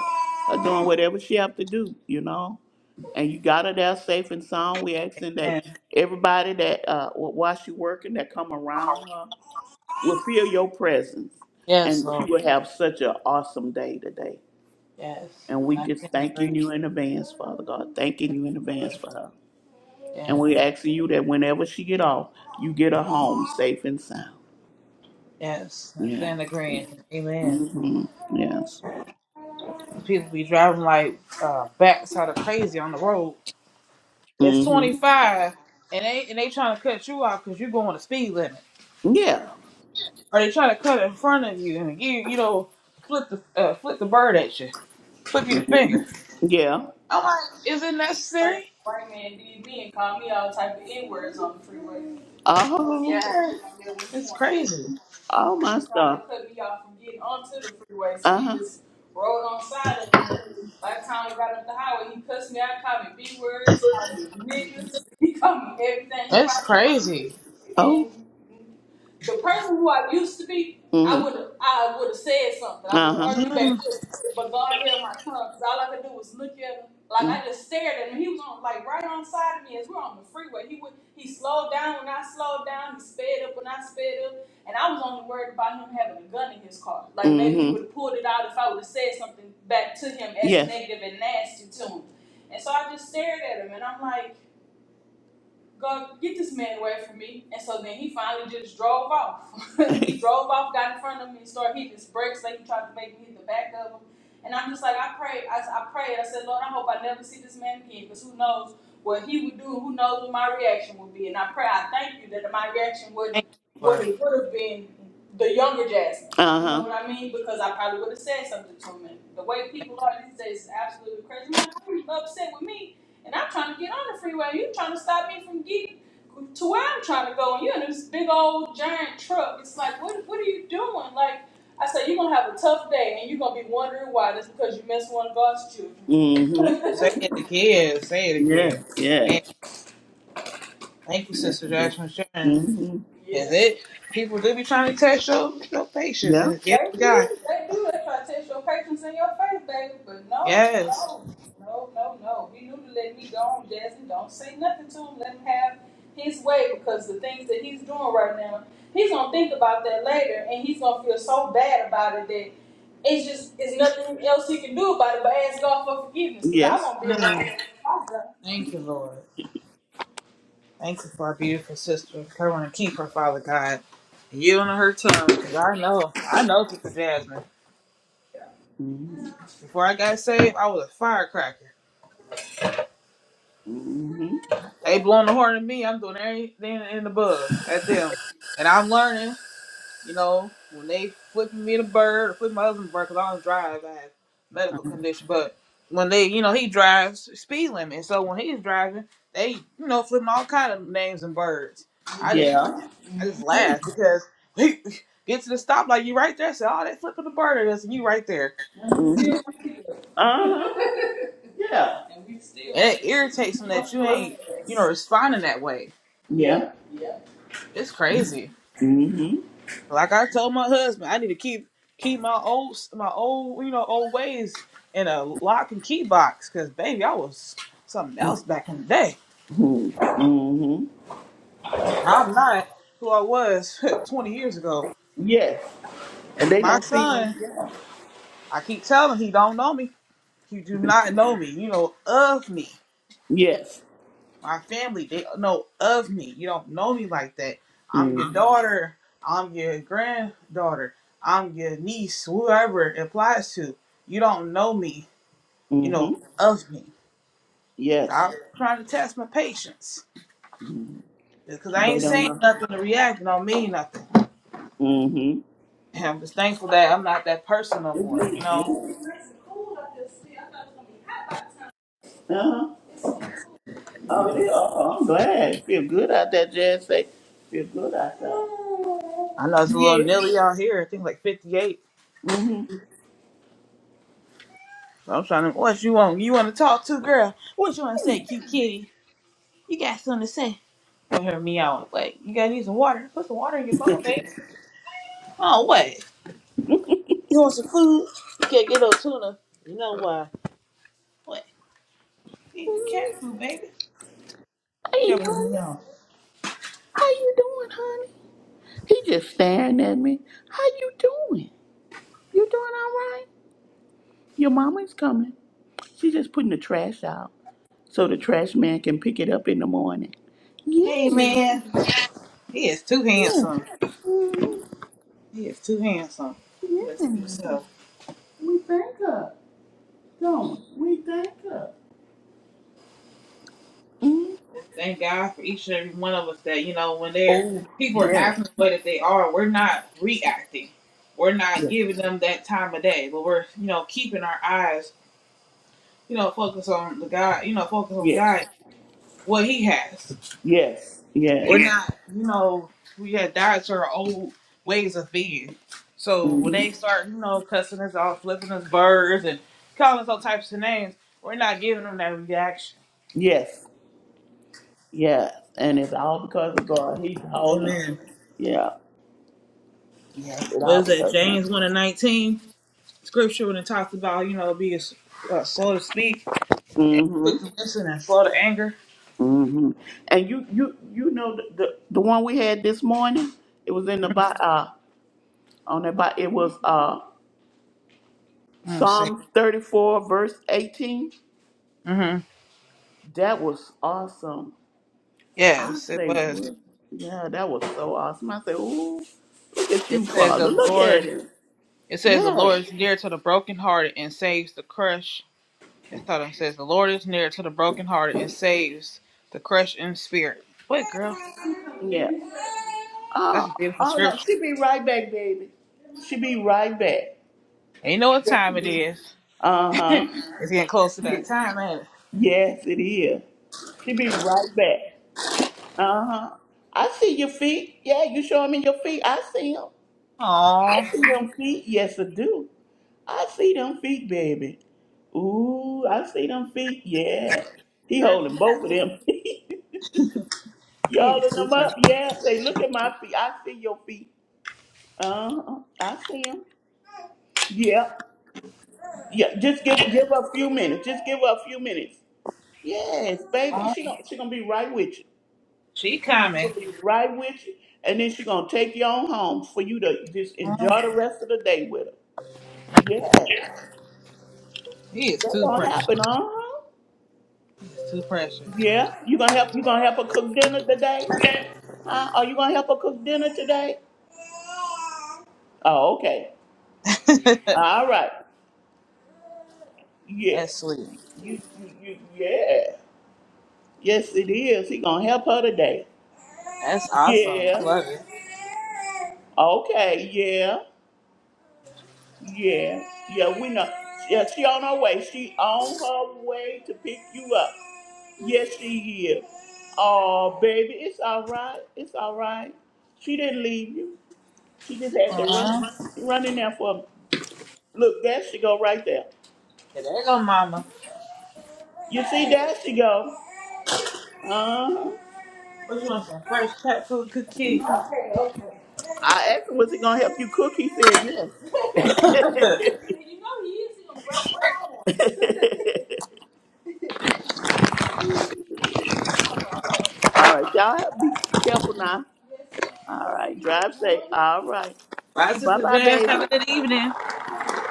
[SPEAKER 2] her doing whatever she have to do, you know. And you got her there safe and sound. We asking that
[SPEAKER 1] And
[SPEAKER 2] everybody that uh, wh- while she working that come around her will feel your presence,
[SPEAKER 1] yes,
[SPEAKER 2] and she
[SPEAKER 1] Lord.
[SPEAKER 2] will have such an awesome day today.
[SPEAKER 1] Yes.
[SPEAKER 2] And we
[SPEAKER 1] And
[SPEAKER 2] just
[SPEAKER 1] I stand agreeing.
[SPEAKER 2] thanking you in advance, Father God. Thanking you in advance for her. And
[SPEAKER 1] Yes.
[SPEAKER 2] we asking you that whenever she get off, you get her home safe and sound.
[SPEAKER 1] Yes. I
[SPEAKER 2] Yeah.
[SPEAKER 1] stand agreeing. Amen.
[SPEAKER 2] hmm Yes.
[SPEAKER 1] People be driving like uh, backside of crazy on the road. It's
[SPEAKER 2] hmm
[SPEAKER 1] 25, and they and they trying to cut you off because you're going the speed limit,
[SPEAKER 2] Yeah.
[SPEAKER 1] or they trying to cut in front of you and you you know flip the uh, flip the bird at you, flip you the finger.
[SPEAKER 2] Yeah.
[SPEAKER 1] I'm like, is it
[SPEAKER 2] Like,
[SPEAKER 1] necessary?
[SPEAKER 2] white man did me and called me all type of N words on the freeway. Because he Oh, couldn't
[SPEAKER 1] Yeah,
[SPEAKER 2] get on there when he
[SPEAKER 1] it's
[SPEAKER 2] wanted to.
[SPEAKER 1] crazy.
[SPEAKER 2] oh my He tried to stuff. cut me off from getting onto the freeway, so Uh he huh. just rode on side of me. By the time we got up the highway, he cussed me out, called me B words, called me niggas, he called me everything he
[SPEAKER 1] It's
[SPEAKER 2] possibly
[SPEAKER 1] crazy.
[SPEAKER 2] Oh, the person who I used to be, I Mm-hmm. I would have I would have said something. I would have Uh-huh. argued back with him. But God held my tongue because all I could do was look at him. Like mm-hmm. I just stared at him. He was on like right on side of me as we're on the freeway. He would he slowed down when I slowed down. He sped up when I sped up. And I was only worried about him having a gun in his car. Like mm-hmm. maybe he Mm-hmm. would have pulled it out if I would have said something back to him as Yes. negative and nasty to him. And so I just stared at him and I'm like, go get this man away from me. And so then he finally just drove off. He drove off, got in front of me, and started hitting his brakes like he tried to make me hit the back of him. And I'm just like, I prayed, I, I prayed, I said, Lord, I hope I never see this man again, because who knows what he would do, who knows what my reaction would be. And I pray, I thank you that my reaction wasn't
[SPEAKER 1] Thank you,
[SPEAKER 2] what
[SPEAKER 1] Lord.
[SPEAKER 2] it would have been the younger Jasmine. You know Uh-huh. what I mean? Because I probably would have said something to him. And the way people are these days is absolutely crazy. I'm like, how are you upset with me? And I'm trying to get on the freeway. You trying to stop me from getting to where I'm trying to go. And you in this big old giant truck. It's like, what, what are you doing? Like, I said, you're going to have a tough day and you're going to be wondering why. That's because you missed one of God's children. Mm-hmm.
[SPEAKER 1] Say it again. Say it
[SPEAKER 2] Yes,
[SPEAKER 1] again. Man,
[SPEAKER 2] yes,
[SPEAKER 1] thank you,
[SPEAKER 2] yes,
[SPEAKER 1] Sister
[SPEAKER 2] it is.
[SPEAKER 1] Josh for sharing.
[SPEAKER 2] Mm-hmm. Yeah.
[SPEAKER 1] Is it? People do be trying to test your, your patience,
[SPEAKER 2] Yeah.
[SPEAKER 1] and it's given to
[SPEAKER 2] They
[SPEAKER 1] God.
[SPEAKER 2] do, they do. They try to test your patience in your face, baby. But no,
[SPEAKER 1] Yes.
[SPEAKER 2] no, no, no, no. He knew to let me go on, Jasmine. Don't say nothing to him. Let him have his way because the things that he's doing right now, he's gonna think about that later, and he's gonna feel so bad about it that it's just it's nothing else he can do about it but ask God for forgiveness. Cause I Yes. won't be around.
[SPEAKER 1] Mm,
[SPEAKER 2] him. I'm
[SPEAKER 1] Thank you, Lord. Thank you for our beautiful sister. Kerwin and keep her, Father God. You on her tongue, because I know, I know Sister Jasmine.
[SPEAKER 2] done.
[SPEAKER 1] Before I got saved, I was a firecracker.
[SPEAKER 2] Mm-hmm.
[SPEAKER 1] They blowing the horn at me, I'm doing everything in the bug at them. And I'm learning, you know, when they flipping me the bird, or flipping my husband the bird, because I don't drive, I have medical condition. But when they, you know, he drives speed limit. So when he's driving, they, you know, flipping all kind of names and birds.
[SPEAKER 2] Yeah.
[SPEAKER 1] I just laughed because he get to the stoplight, you right there. Say, oh, that flipping the bird at us, and you right there.
[SPEAKER 2] Mm-hmm. Uh huh. Yeah. and we still
[SPEAKER 1] And
[SPEAKER 2] right.
[SPEAKER 1] it irritates him that you ain't,
[SPEAKER 2] here.
[SPEAKER 1] you know, responding that way.
[SPEAKER 2] Yeah.
[SPEAKER 1] It's crazy.
[SPEAKER 2] Mm-hmm.
[SPEAKER 1] Like I told my husband, I need to keep keep my old my old you know old ways in a lock and key box because baby, I was something else back in the day.
[SPEAKER 2] Mm-hmm.
[SPEAKER 1] I'm not who I was 20 years ago.
[SPEAKER 2] Yes. And they
[SPEAKER 1] My
[SPEAKER 2] don't see them.
[SPEAKER 1] son, I keep telling him he don't know me. He do not know me. You know of me.
[SPEAKER 2] Yes.
[SPEAKER 1] my family, they know of me. You don't know me like that. I'm your
[SPEAKER 2] Mm-hmm.
[SPEAKER 1] daughter. I'm your granddaughter. I'm your niece, whoever it applies to. You don't know me. You
[SPEAKER 2] Mm-hmm.
[SPEAKER 1] know of me.
[SPEAKER 2] Yes.
[SPEAKER 1] Stop trying to test my patience. Because I
[SPEAKER 2] They
[SPEAKER 1] ain't
[SPEAKER 2] don't
[SPEAKER 1] saying
[SPEAKER 2] know.
[SPEAKER 1] nothing to react don't mean nothing.
[SPEAKER 2] Mm-hmm.
[SPEAKER 1] And I'm just thankful that I'm not that person no
[SPEAKER 2] They
[SPEAKER 1] more, you know?
[SPEAKER 2] do. Uh-huh. Oh, yeah. Oh, I'm glad. Feel good out there, Jazz. Say, feel good out there.
[SPEAKER 1] I know it's a little
[SPEAKER 2] Yeah.
[SPEAKER 1] Nilly out here. I think like 58.
[SPEAKER 2] Mm-hmm.
[SPEAKER 1] So I'm trying to, what you want? You want to talk to, girl? What you want to say, cute kitty? You got something to say? Come hear me out. Like, you gotta need some water. Put some water in your bowl, babe. Oh, what? You want some food? You can't get no tuna. You know why? What? Eat your cat food, baby.
[SPEAKER 2] hey,
[SPEAKER 1] Trouble hear me
[SPEAKER 2] honey.
[SPEAKER 1] out.
[SPEAKER 2] How you doing, honey? He just staring at me. How you doing? You doing all right? Your mama's coming. She's just putting the trash out so the trash man can pick it up in the morning. Yeah,
[SPEAKER 1] Hey, man. He is too
[SPEAKER 2] yeah,
[SPEAKER 1] handsome. He is too handsome.
[SPEAKER 2] yeah.
[SPEAKER 1] Let's keep so.
[SPEAKER 2] We thank her. Don't we We thank her? Mm.
[SPEAKER 1] Thank God for each and every one of us that, you know, when they're
[SPEAKER 2] Oh,
[SPEAKER 1] people are
[SPEAKER 2] yes,
[SPEAKER 1] acting the way that they are, we're not reacting. We're not
[SPEAKER 2] yes,
[SPEAKER 1] giving them that time of day, but we're, you know, keeping our eyes, you know, focus on the God, you know, focus on
[SPEAKER 2] yes,
[SPEAKER 1] God Well, he has.
[SPEAKER 2] yes, yes.
[SPEAKER 1] We're Yeah. not, you know, we had died to our old ways of being. So when
[SPEAKER 2] hmm
[SPEAKER 1] they start, you know, cussing us out, flipping us birds, and calling us all types of names, we're not giving them that reaction.
[SPEAKER 2] Yes, yes. And it's all because of God. He's holding.
[SPEAKER 1] Amen.
[SPEAKER 2] Yeah. Yes, it
[SPEAKER 1] What
[SPEAKER 2] all
[SPEAKER 1] is that?
[SPEAKER 2] because of
[SPEAKER 1] James 1 and 19 scripture when it talks about, you know, being uh, slow to speak,
[SPEAKER 2] him. hmm
[SPEAKER 1] quick to listen, and slow to anger.
[SPEAKER 2] hmm And you, you, you know the, the the one we had this morning. It was in the box. on that Bi- It was uh
[SPEAKER 1] Let me see.
[SPEAKER 2] Psalms 34, verse 18.
[SPEAKER 1] Mm-hmm.
[SPEAKER 2] That was awesome. I
[SPEAKER 1] Yes, it
[SPEAKER 2] say,
[SPEAKER 1] was.
[SPEAKER 2] what? Yeah, that was so awesome. I say, ooh, look at you,
[SPEAKER 1] It says the
[SPEAKER 2] Father. Look at
[SPEAKER 1] Lord.
[SPEAKER 2] him.
[SPEAKER 1] It says the
[SPEAKER 2] Yeah.
[SPEAKER 1] Lord is near to the brokenhearted and saves the crushed. It taught says the Lord is near to the brokenhearted and saves the crushed in spirit. Wait, girl?
[SPEAKER 2] Yeah. Oh,
[SPEAKER 1] That's a beautiful
[SPEAKER 2] oh no,
[SPEAKER 1] scripture.
[SPEAKER 2] she be right back, baby. She be right back.
[SPEAKER 1] And you know what time it is.
[SPEAKER 2] Uh huh.
[SPEAKER 1] It's getting close to that time, ain't it?
[SPEAKER 2] Yes, it is. She be right back. Uh huh. I see your feet. Yeah, you showing me your feet. I see them.
[SPEAKER 1] Aw.
[SPEAKER 2] I see them feet. Yes, I do. I see them feet, baby. Ooh, I see them feet. Yeah. He
[SPEAKER 1] Girl, you
[SPEAKER 2] holding both
[SPEAKER 1] got
[SPEAKER 2] of
[SPEAKER 1] me.
[SPEAKER 2] them feet. Y'all in them up. Yeah. Say, look at my feet. I see your feet. Uh, I see them. Yeah. Yeah. Just give give her a few minutes. Just give her a few minutes. Yes, baby.
[SPEAKER 1] Aw.
[SPEAKER 2] She gonna she gonna be right with you.
[SPEAKER 1] She
[SPEAKER 2] She gonna
[SPEAKER 1] coming.
[SPEAKER 2] be right with you, and then she gonna take you on home for you to just enjoy the rest of the day with her. Yes,
[SPEAKER 1] He is
[SPEAKER 2] that's
[SPEAKER 1] too
[SPEAKER 2] gonna
[SPEAKER 1] precious.
[SPEAKER 2] happen. Uh huh.
[SPEAKER 1] Too precious.
[SPEAKER 2] Yeah, you gonna help? You gonna help her cook dinner today? Huh? Are you gonna help her cook dinner today? Oh, okay. All right. Yeah.
[SPEAKER 1] That's sweet.
[SPEAKER 2] You, you, you, yeah. Yes, it is. He gonna help her today.
[SPEAKER 1] That's awesome. I
[SPEAKER 2] Yeah.
[SPEAKER 1] love it.
[SPEAKER 2] Okay. Yeah. Yeah. Yeah. We know. Yeah. She on her way. She on her way to pick you up. Yes, she is. Oh, baby, it's all right. It's all right. She didn't leave you. She just had to run,
[SPEAKER 1] Uh-huh.
[SPEAKER 2] run in there for a Look, there she go right there.
[SPEAKER 1] Yeah, there you go, mama.
[SPEAKER 2] You see, there she go. Uh-huh.
[SPEAKER 1] What you want some fresh cat food cookie?
[SPEAKER 2] Okay, okay. I asked him, was he gonna help you cook? He said yes.
[SPEAKER 1] Bye,
[SPEAKER 2] you know he is in breakfast home. All right. All right, y'all have be careful now. Yes, ma'am. All right, drive safe. All right, bye
[SPEAKER 1] Sister
[SPEAKER 2] bye,
[SPEAKER 1] Jazz.
[SPEAKER 2] baby.
[SPEAKER 1] Have a good evening.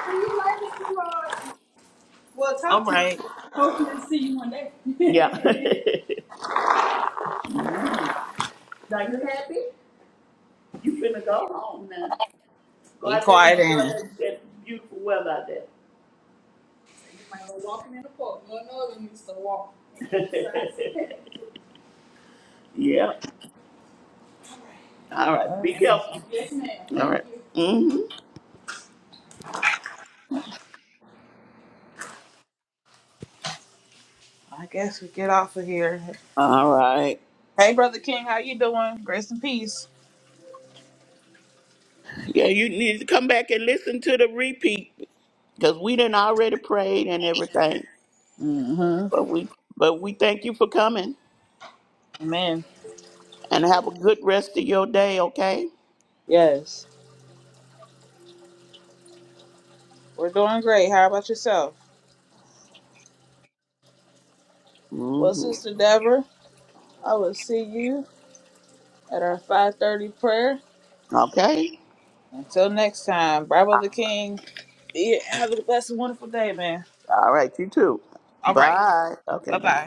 [SPEAKER 2] See you later, sweetheart. Well,
[SPEAKER 1] All
[SPEAKER 2] talk to you later.
[SPEAKER 1] right.
[SPEAKER 2] Hopefully see you one day. Yeah. Now you happy? You finna go home now. Go
[SPEAKER 1] Be
[SPEAKER 2] out there and
[SPEAKER 1] quiet,
[SPEAKER 2] enjoy that,
[SPEAKER 1] Annie.
[SPEAKER 2] that beautiful weather out there. So you might go walking in the park. No, no, you used to walk. yeah. All right. Be careful. yes, ma'am. All right. Mm-hmm.
[SPEAKER 1] I guess we get off of here.
[SPEAKER 2] All right.
[SPEAKER 1] Hey, brother King, how you doing? Grace and peace.
[SPEAKER 2] Yeah, you need to come back and listen to the repeat because we done already prayed and everything.
[SPEAKER 1] hmm
[SPEAKER 2] But we but we thank you for coming
[SPEAKER 1] Amen.
[SPEAKER 2] and have a good rest of your day. Okay.
[SPEAKER 1] Yes, we're doing great. How about yourself? Well,
[SPEAKER 2] Mm-hmm.
[SPEAKER 1] Sister Deborah, I will see you at our 5:30 prayer.
[SPEAKER 2] Okay.
[SPEAKER 1] Until next time, bye, brother King. Yeah, have a blessed, and wonderful day, man.
[SPEAKER 2] All right, you too.
[SPEAKER 1] All right,
[SPEAKER 2] Bye. Okay,
[SPEAKER 1] bye
[SPEAKER 2] bye.
[SPEAKER 1] bye.